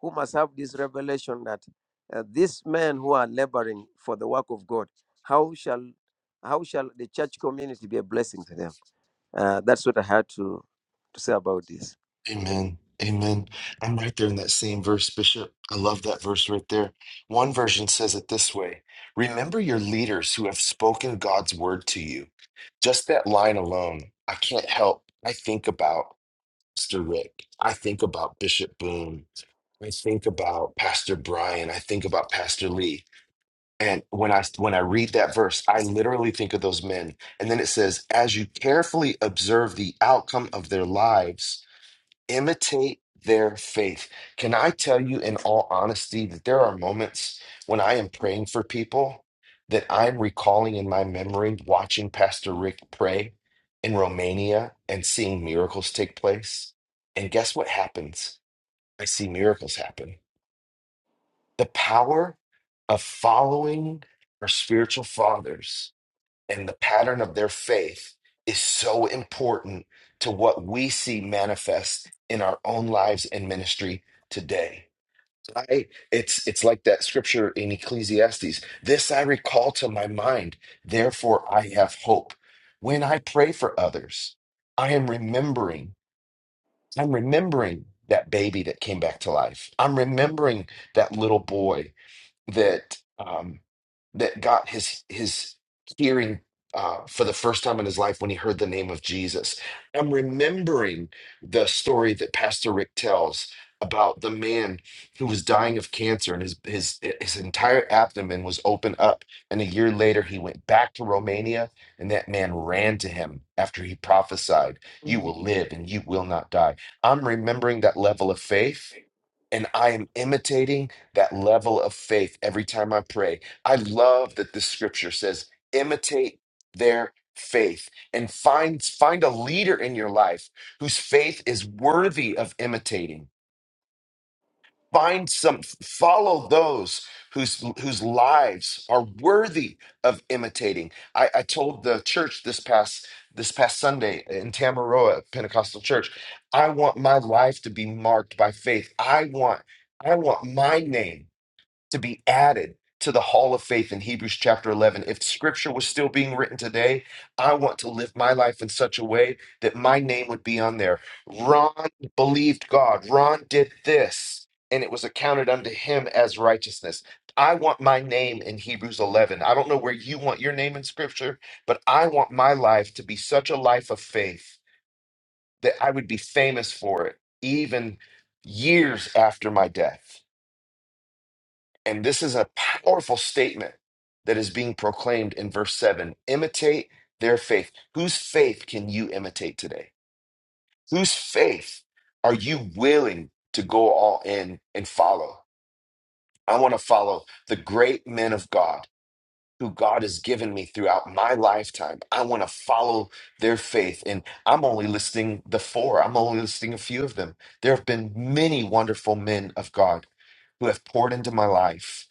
[SPEAKER 9] who must have this revelation that uh, these men who are laboring for the work of God, how shall how shall the church community be a blessing to them? Uh, that's what I had to, to say about this.
[SPEAKER 1] Amen. Amen. I'm right there in that same verse, Bishop. I love that verse right there. One version says it this way Remember your leaders who have spoken God's word to you. Just that line alone, I can't help. I think about Mr. Rick. I think about Bishop Boone. I think about Pastor Brian. I think about Pastor Lee. And when I when I read that verse, I literally think of those men. And then it says, as you carefully observe the outcome of their lives, imitate their faith. Can I tell you in all honesty that there are moments when I am praying for people that I'm recalling in my memory watching Pastor Rick pray in Romania and seeing miracles take place. And guess what happens? I see miracles happen the power of following our spiritual fathers and the pattern of their faith is so important to what we see manifest in our own lives and ministry today. I, it's it's like that scripture in Ecclesiastes. This I recall to my mind, therefore I have hope. When I pray for others, I am remembering, I'm remembering that baby that came back to life. I'm remembering that little boy that um, that got his his hearing uh, for the first time in his life when he heard the name of Jesus. I'm remembering the story that Pastor Rick tells about the man who was dying of cancer and his his his entire abdomen was open up and a year later he went back to Romania and that man ran to him after he prophesied you will
[SPEAKER 10] Yeah,
[SPEAKER 1] live and you will not die i'm remembering that level of faith and I am imitating that level of faith every time I pray. I love that the scripture says, imitate their faith and find find a leader in your life whose faith is worthy of imitating find some follow those whose whose lives are worthy of imitating i i told the church this past this past sunday in tamaroa pentecostal church i want my life to be marked by faith i want i want my name to be added to the hall of faith in Hebrews chapter 11. If scripture was still being written today, I want to live my life in such a way that my name would be on there. Ron believed God, Ron did this, and it was accounted unto him as righteousness. I want my name in Hebrews 11. I don't know where you want your name in scripture, but I want my life to be such a life of faith that I would be famous for it, even years after my death. And this is a powerful statement that is being proclaimed in verse 7 imitate their faith. Whose faith can you imitate today? Whose faith are you willing to go all in and follow? I want to follow the great men of God who God has given me throughout my lifetime. I want to follow their faith. And I'm only listing the four, I'm only listing a few of them. There have been many wonderful men of God who have poured into my life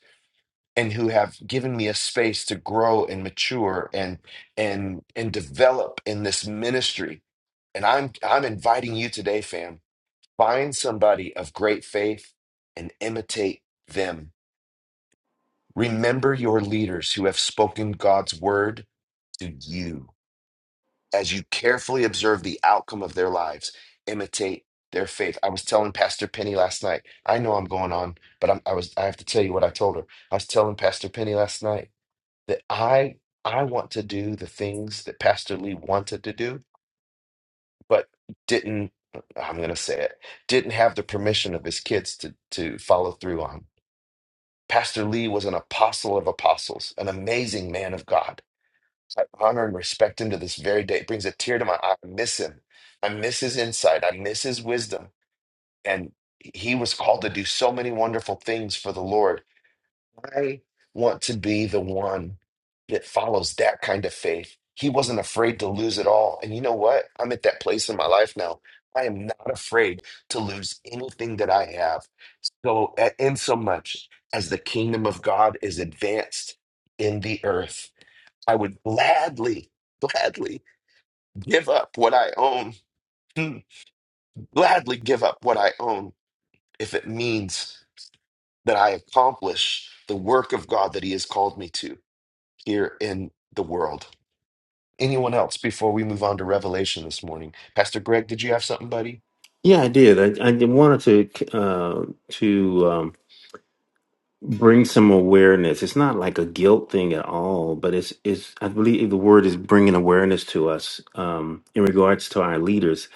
[SPEAKER 1] and who have given me a space to grow and mature and and and develop in this ministry and i'm i'm inviting you today fam find somebody of great faith and imitate them remember your leaders who have spoken god's word to you as you carefully observe the outcome of their lives imitate their faith i was telling pastor penny last night i know i'm going on but I'm, i was i have to tell you what i told her i was telling pastor penny last night that I I want to do the things that Pastor Lee wanted to do, but didn't I'm gonna say it, didn't have the permission of his kids to to follow through on. Pastor Lee was an apostle of apostles, an amazing man of God. I honor and respect him to this very day. It brings a tear to my eye. I miss him. I miss his insight. I miss his wisdom. And he was called to do so many wonderful things for the Lord I want to be the one that follows that kind of faith. He wasn't afraid to lose it all. And you know what? I'm at that place in my life now. I am not afraid to lose anything that I have. So, a- in so much as the kingdom of God is advanced in the earth, I would gladly, gladly give up what I own, Hmm. gladly give up what I own if it means that I accomplish the work of God that He has called me to. here in the world. Anyone else before we move on to Revelation this morning? Pastor Greg, did you have something, buddy?
[SPEAKER 10] I did. I, I did- wanted to uh, to um, bring some awareness. It's not like a guilt thing at all, but it's it's. I believe the word is bringing awareness to us um, in regards to our leaders.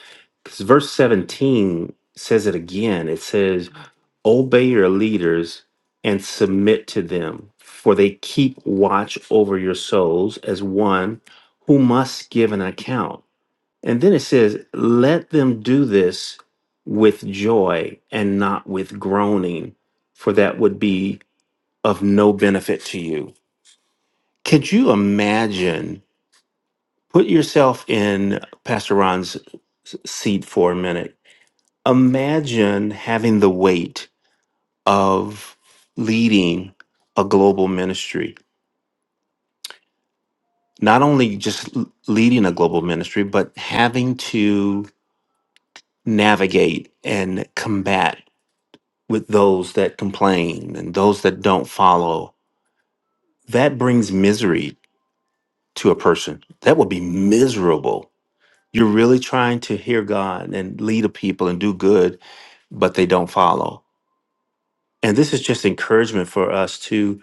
[SPEAKER 10] Because verse seventeen says it again. It says, "Obey your leaders and submit to them, for they keep watch over your souls as one who must give an account." And then it says, let them do this with joy and not with groaning, for that would be of no benefit to you. Could you imagine? Put yourself in Pastor Ron's s- seat for a minute. Imagine having the weight of leading a global ministry, not only just l- leading a global ministry, but having to navigate and combat with those that complain and those that don't follow. That brings misery to a person. That would be miserable. You're really trying to hear God and lead a people and do good, but they don't follow. And this is just encouragement for us to,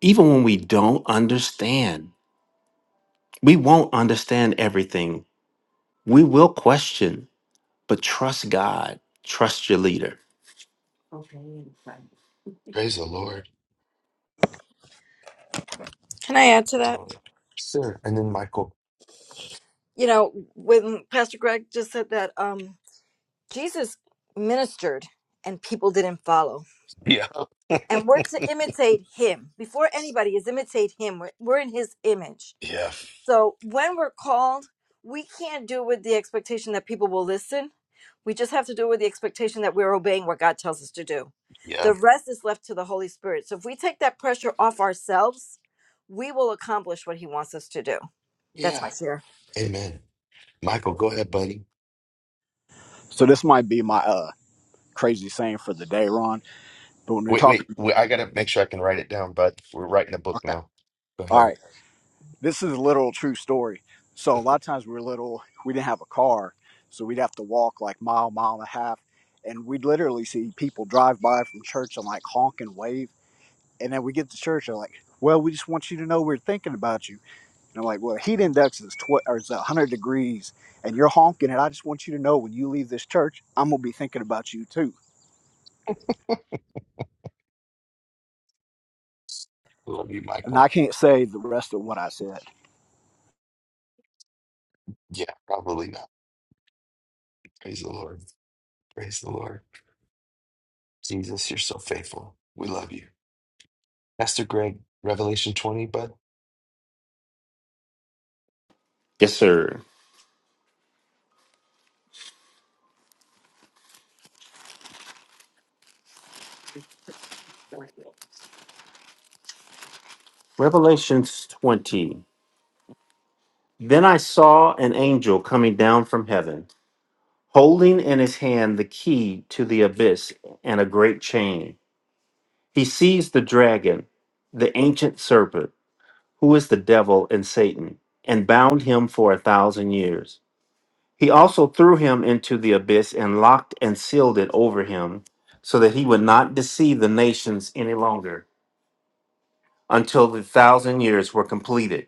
[SPEAKER 10] even when we don't understand, we won't understand everything. We will question, but trust God, trust your leader.
[SPEAKER 1] Praise the Lord.
[SPEAKER 3] Can I add to that?
[SPEAKER 1] Lord. Sure. And then Michael.
[SPEAKER 3] You know, when Pastor Greg just said that um Jesus ministered and people didn't follow.
[SPEAKER 1] Yeah.
[SPEAKER 3] And we're to imitate him. Before anybody is imitate him. We're, we're in his image.
[SPEAKER 1] Yeah.
[SPEAKER 3] So when we're called, we can't do it with the expectation that people will listen. We just have to do it with the expectation that we're obeying what God tells us to do.
[SPEAKER 1] Yeah.
[SPEAKER 3] The rest is left to the Holy Spirit. So if we take that pressure off ourselves, we will accomplish what He wants us to do. That's
[SPEAKER 1] Yeah.
[SPEAKER 3] my share.
[SPEAKER 1] Amen. Michael, go ahead, buddy.
[SPEAKER 11] So this might be my uh crazy saying for the day, Ron. But when we're
[SPEAKER 1] Wait, wait,
[SPEAKER 11] talking,
[SPEAKER 1] wait, I gotta make sure I can write it down, bud. We're writing a book
[SPEAKER 11] okay,
[SPEAKER 1] now. Go
[SPEAKER 11] all
[SPEAKER 1] ahead.
[SPEAKER 11] right, this is a literal true story. So a lot of times we were little, we didn't have a car, so we'd have to walk like mile, mile and a half, and we'd literally see people drive by from church and like honk and wave, and then we get to church and like, well, we just want you to know we're thinking about you. And I'm like, well, heat index is tw- or is 100 degrees, and you're honking, and I just want you to know when you leave this church, I'm gonna be thinking about you too.
[SPEAKER 1] Love you,
[SPEAKER 11] And I
[SPEAKER 1] Michael.
[SPEAKER 11] can't say the rest of what I said.
[SPEAKER 1] Yeah, probably not. Praise the Lord. Praise the Lord. Jesus, you're so faithful. We love you. Pastor Greg, Revelation 20, bud.
[SPEAKER 10] Yes, sir. Revelations 20. Then I saw an angel coming down from heaven, holding in his hand the key to the abyss and a great chain. He seized the dragon, the ancient serpent, who is the devil and Satan, and bound him for a thousand years. He also threw him into the abyss and locked and sealed it over him, so that he would not deceive the nations any longer until the thousand years were completed.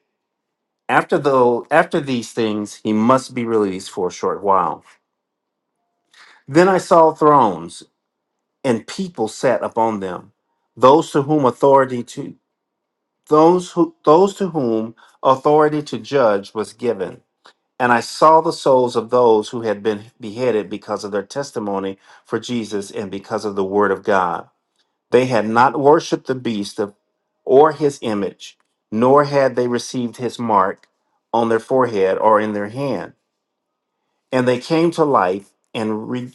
[SPEAKER 10] After, though, after these things, he must be released for a short while. Then I saw thrones, and people sat upon them. Those to whom authority to those who those to whom authority to judge was given. And I saw the souls of those who had been beheaded because of their testimony for Jesus and because of the word of God. They had not worshipped the beast of, or his image, nor had they received his mark on their forehead or in their hand and they came to life and re-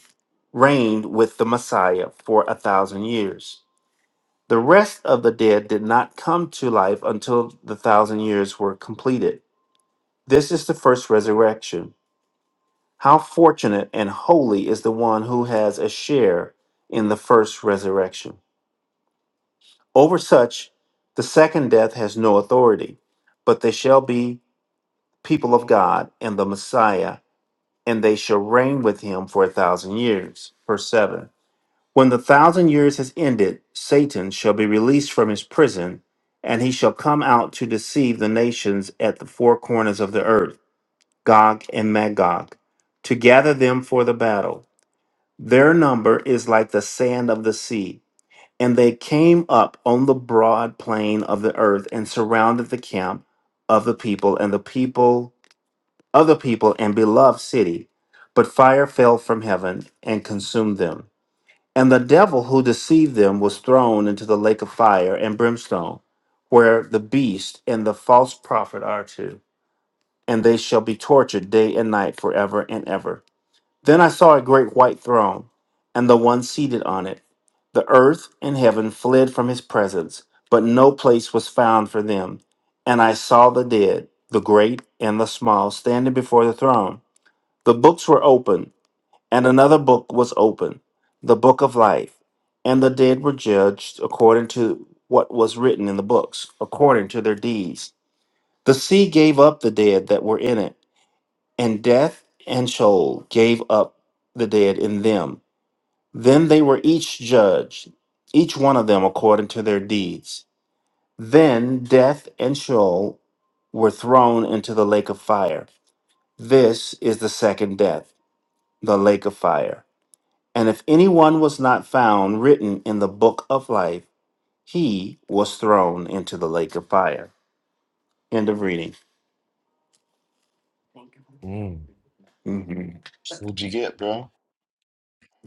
[SPEAKER 10] reigned with the Messiah for a thousand years. The rest of the dead did not come to life until the thousand years were completed. This is the first resurrection. How fortunate and holy is the one who has a share in the first resurrection. Over such, the second death has no authority, but they shall be people of God and the Messiah, and they shall reign with him for a thousand years. Verse 7. When the thousand years has ended, Satan shall be released from his prison, and he shall come out to deceive the nations at the four corners of the earth, Gog and Magog, to gather them for the battle. Their number is like the sand of the sea. And they came up on the broad plain of the earth and surrounded the camp of the people and the people of the people and beloved city. But fire fell from heaven and consumed them. And the devil who deceived them was thrown into the lake of fire and brimstone, where the beast and the false prophet are too. And they shall be tortured day and night forever and ever. Then I saw a great white throne, and the one seated on it. The earth and heaven fled from his presence, but no place was found for them. And I saw the dead, the great and the small, standing before the throne. The books were open. And another book was opened, the book of life. And the dead were judged according to what was written in the books, according to their deeds. The sea gave up the dead that were in it, and death and Sheol gave up the dead in them. Then they were each judged, each one of them according to their deeds. Then death and Sheol were thrown into the lake of fire. This is the second death, the lake of fire. And if anyone was not found written in the book of life, he was thrown into the lake of fire. End of reading.
[SPEAKER 1] Mm.
[SPEAKER 10] hmm
[SPEAKER 1] What'd you get, bro?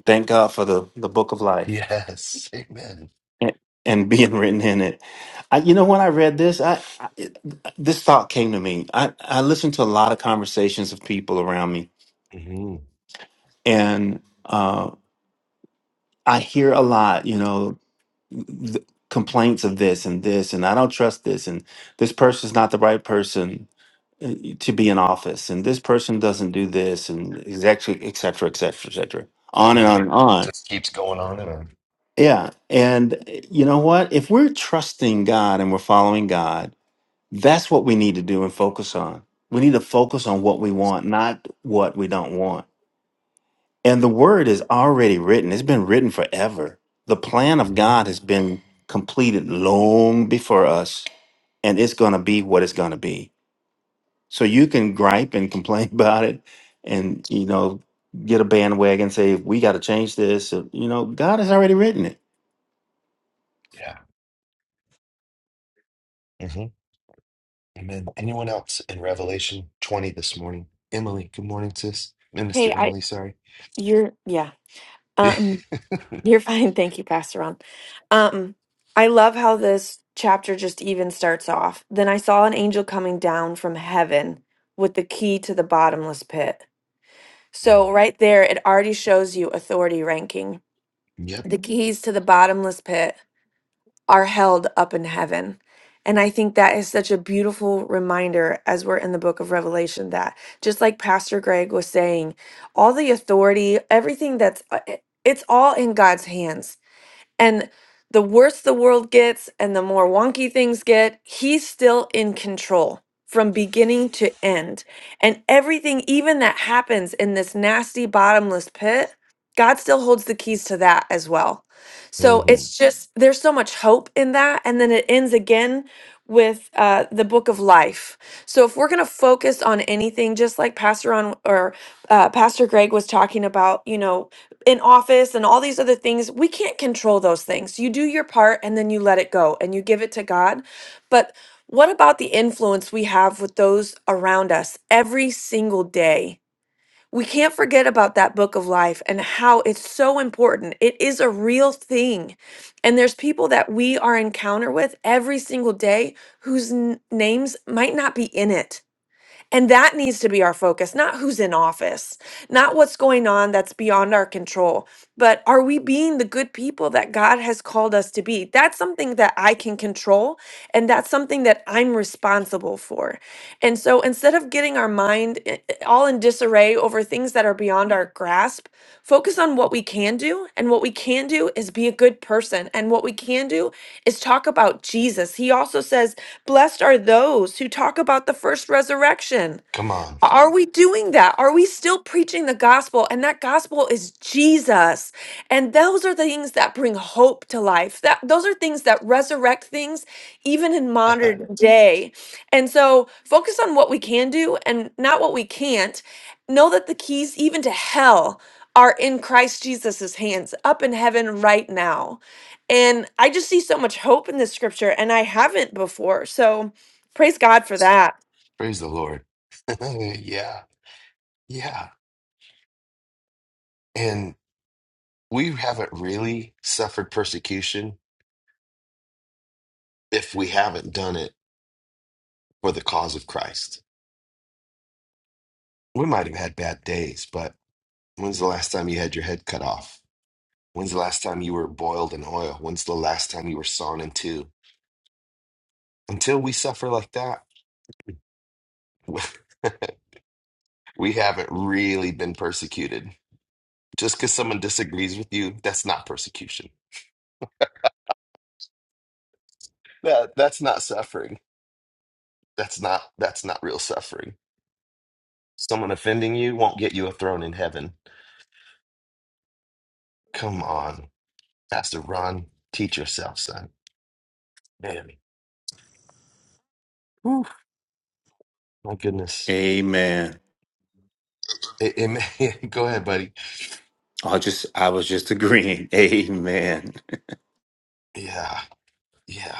[SPEAKER 10] Thank God for the, the book of life
[SPEAKER 1] Yes. Amen.
[SPEAKER 10] and, and being written in it. I, you know, when I read this, I, I it- this thought came to me. I, I listen to a lot of conversations of people around me,
[SPEAKER 1] Mm-hmm.
[SPEAKER 10] and uh, I hear a lot, you know, th- complaints of this and this, and I don't trust this, and this person's not the right person uh, to be in office and this person doesn't do this and exactly et cetera et cetera et cetera on and
[SPEAKER 1] Yeah,
[SPEAKER 10] on
[SPEAKER 1] it
[SPEAKER 10] and on
[SPEAKER 1] just keeps going on and on.
[SPEAKER 10] yeah and uh, you know what if we're trusting god and we're following god that's what we need to do and focus on we need to focus on what we want not what we don't want and the word is already written it's been written forever the plan of
[SPEAKER 1] Mhm.
[SPEAKER 10] god has been completed long before us and it's going to be what it's going to be So you can gripe and complain about it and, you know, get a bandwagon, say, we got to change this. Uh, You know, God has already written it.
[SPEAKER 1] Yeah. hmm Amen. Anyone else in Revelation 20 this morning? Emily, good morning, sis. Minister
[SPEAKER 8] Hey, I,
[SPEAKER 1] Emily, sorry.
[SPEAKER 8] you're, yeah. Um You're fine. Thank you, Pastor Ron. Um, I love how this chapter just even starts off. Then I saw an angel coming down from heaven with the key to the bottomless pit.
[SPEAKER 1] Mm.
[SPEAKER 8] So, right there, it already shows you authority ranking.
[SPEAKER 1] Yep.
[SPEAKER 8] The Mhm. keys to the bottomless pit are held up in heaven. And I think that is such a beautiful reminder as we're in the book of Revelation that just like Pastor Greg was saying, all the authority, everything that's, uh, it's all in God's hands and the worse the world gets and the more wonky things get, he's still in control from beginning to end. And everything, even that happens in this nasty, bottomless pit, God still holds the keys to that as well. So
[SPEAKER 1] hmm
[SPEAKER 8] it's Mhm. just, there's so much hope in that. And then it ends again with uh, the book of life. So if we're going to focus on anything, just like Pastor on or uh, Pastor Greg was talking about, you know, in office and all these other things we can't control those things you do your part and then you let it go and you give it to god but what about the influence we have with those around us every single day we can't forget about that book of life and how it's so important it is a real thing and there's people that we are encounter with every single day whose n- names might not be in it and that needs to be our focus, not who's in office, not what's going on that's beyond our control, but are we being the good people that God has called us to be? That's something that I can control, and that's something that I'm responsible for. And so instead of getting our mind i- i- all in disarray over things that are beyond our grasp, focus on what we can do. And what we can do is be a good person. And what we can do is talk about Jesus. He also says, Blessed are those who talk about the first resurrection.
[SPEAKER 1] Come on.
[SPEAKER 8] Are we doing that? Are we still preaching the gospel? And that gospel is Jesus. And those are things that bring hope to life. That those are things that resurrect things even in modern Mhm. day. And so focus on what we can do and not what we can't. Know that the keys even to hell are in Christ Jesus's hands up in heaven right now. And I just see so much hope in this scripture and I haven't before. So praise God for that.
[SPEAKER 1] Praise the Lord. yeah. Yeah. And we haven't really suffered persecution if we haven't done it for the cause of Christ. We might have had bad days, but when's the last time you had your head cut off? When's the last time you were boiled in oil? When's the last time you were sawn in two? Until we suffer like that, we haven't really been persecuted. Just because someone disagrees with you, that's not persecution That that's not suffering. That's not that's not real suffering. Someone offending you won't get you a throne in heaven. Come on, Pastor Ron, teach yourself, son. Man, whew, my goodness.
[SPEAKER 10] Amen.
[SPEAKER 1] It, it may- go ahead, buddy.
[SPEAKER 10] I just, I was just agreeing. Amen.
[SPEAKER 1] Yeah, yeah.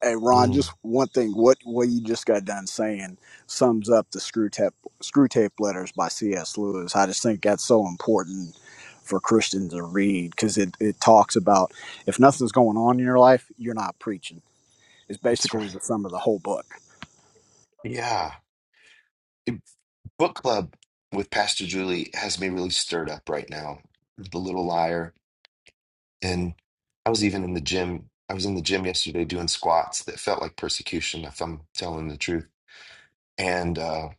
[SPEAKER 11] Hey Ron,
[SPEAKER 1] Mm,
[SPEAKER 11] just one thing. What what you just got done saying sums up the screw tape screw tape letters by C.S. Lewis. I just think that's so important for Christians to read because it, it talks about if nothing's going on in your life, you're not preaching. It's
[SPEAKER 1] that's
[SPEAKER 11] basically the
[SPEAKER 1] right.
[SPEAKER 11] sum of the whole book.
[SPEAKER 1] Yeah. It- book club with Pastor Julie has me really stirred up right now. The Little Liar, and I was even in the gym. I was in the gym yesterday doing squats that felt like persecution, if I'm telling the truth And uh,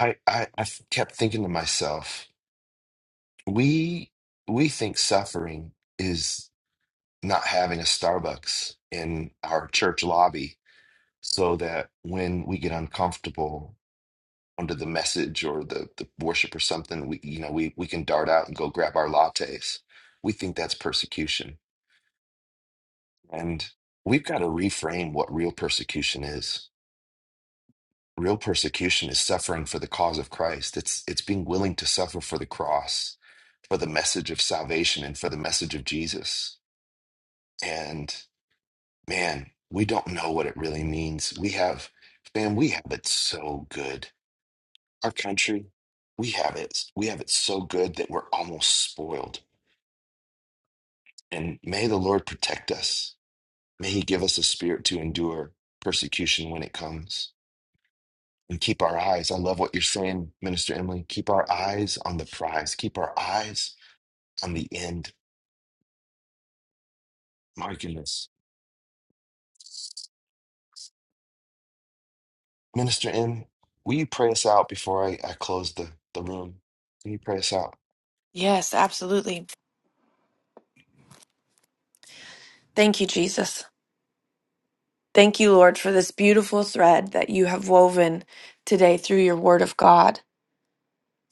[SPEAKER 1] I I, I kept thinking to myself, we, we think suffering is not having a Starbucks in our church lobby so that when we get uncomfortable under the message or the, the worship or something, we, you know, we, we can dart out and go grab our lattes. We think that's persecution. And we've got to reframe what real persecution is Real persecution is suffering for the cause of Christ. It's it's being willing to suffer for the cross, for the message of salvation and for the message of Jesus. And man, we don't know what it really means. We have man, we have it so good. Our country, we have it. We have it so good that we're almost spoiled. And may the Lord protect us. May he give us a spirit to endure persecution when it comes. and keep our eyes. I love what you're saying, Minister Emily. Keep our eyes on the prize. Keep our eyes on the end. My goodness. Minister M, will you pray us out before I, I close the, the room? Can you pray us out?
[SPEAKER 8] Yes, absolutely. Thank you, Jesus. Thank you, Lord, for this beautiful thread that you have woven today through your word of God.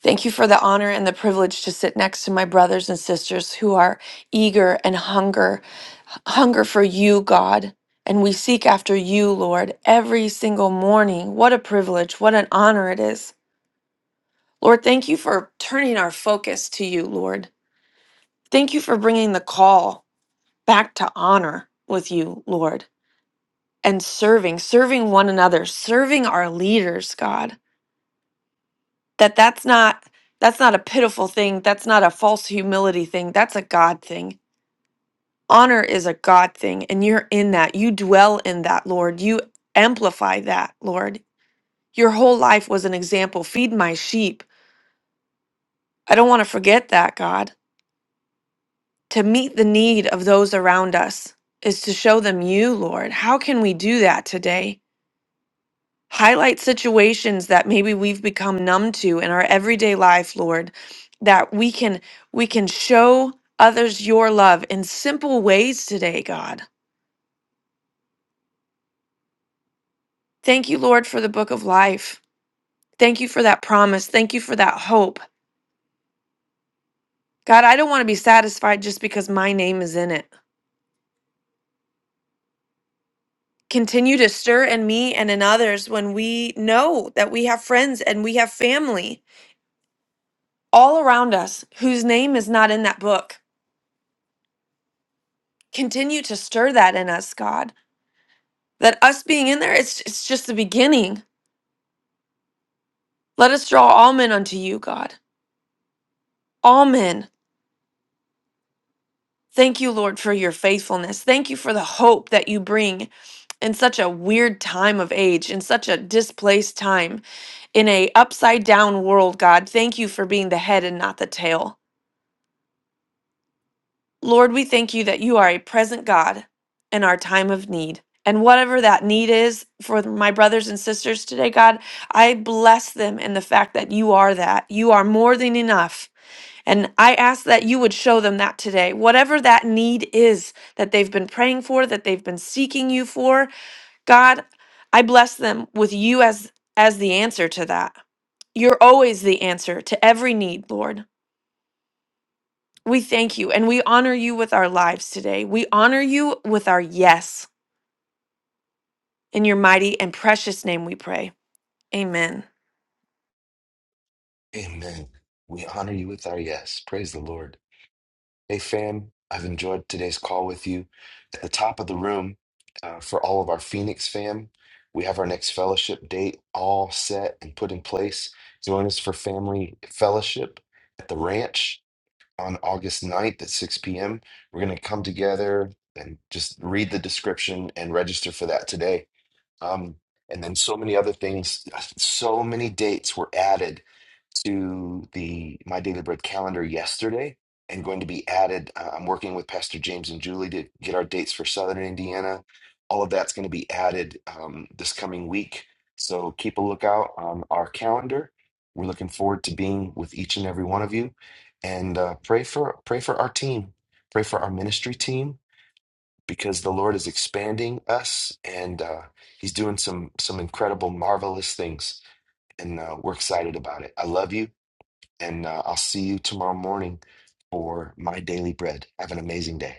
[SPEAKER 8] Thank you for the honor and the privilege to sit next to my brothers and sisters who are eager and hunger, hunger for you, God. And we seek after you, Lord, every single morning. What a privilege. What an honor it is. Lord, thank you for turning our focus to you, Lord. Thank you for bringing the call back to honor with you, Lord. and serving serving one another serving our leaders god that that's not that's not a pitiful thing that's not a false humility thing that's a god thing honor is a god thing and you're in that you dwell in that lord you amplify that lord your whole life was an example feed my sheep i don't want to forget that god to meet the need of those around us is to show them you lord how can we do that today Highlight situations that maybe we've become numb to in our everyday life, Lord, that we can we can show others your love in simple ways today, God. Thank you, Lord, for the book of life. Thank you for that promise. Thank you for that hope. God, I don't want to be satisfied just because my name is in it. Continue to stir in me and in others when we know that we have friends and we have family all around us whose name is not in that book. Continue to stir that in us, God. that us being in there it's it's just the beginning let us draw all men unto you god all men thank you lord for your faithfulness thank you for the hope that you bring in such a weird time of age in such a displaced time in a upside down world god thank you for being the head and not the tail lord we thank you that you are a present god in our time of need and whatever that need is for my brothers and sisters today, God, I bless them in the fact that you are that. You are more than enough. And I ask that you would show them that today. Whatever that need is that they've been praying for, that they've been seeking you for, God, I bless them with you as as the answer to that. You're always the answer to every need, Lord. We thank you and we honor you with our lives today. We honor you with our yes. In your mighty and precious name we pray. Amen.
[SPEAKER 1] Amen. We honor you with our yes. Praise the Lord. Hey, fam, I've enjoyed today's call with you. At the top of the room, uh, for all of our Phoenix fam, we have our next fellowship date all set and put in place. Join us for family fellowship at the ranch on August ninth at 6 p.m. We're going to come together and just read the description and register for that today. Um, and then so many other things, uh, so many dates were added to the My Daily Bread calendar yesterday and going to be added. Uh, I'm working with Pastor James and Julie to get our dates for Southern Indiana. All of that's going to be added um, this coming week. So keep a lookout on our calendar. We're looking forward to being with each and every one of you, and uh, pray for pray for our team, pray for our ministry team because the Lord is expanding us and uh, He's doing some some incredible, marvelous things, and uh, we're excited about it. I love you, and uh, I'll see you tomorrow morning for my daily bread. Have an amazing day.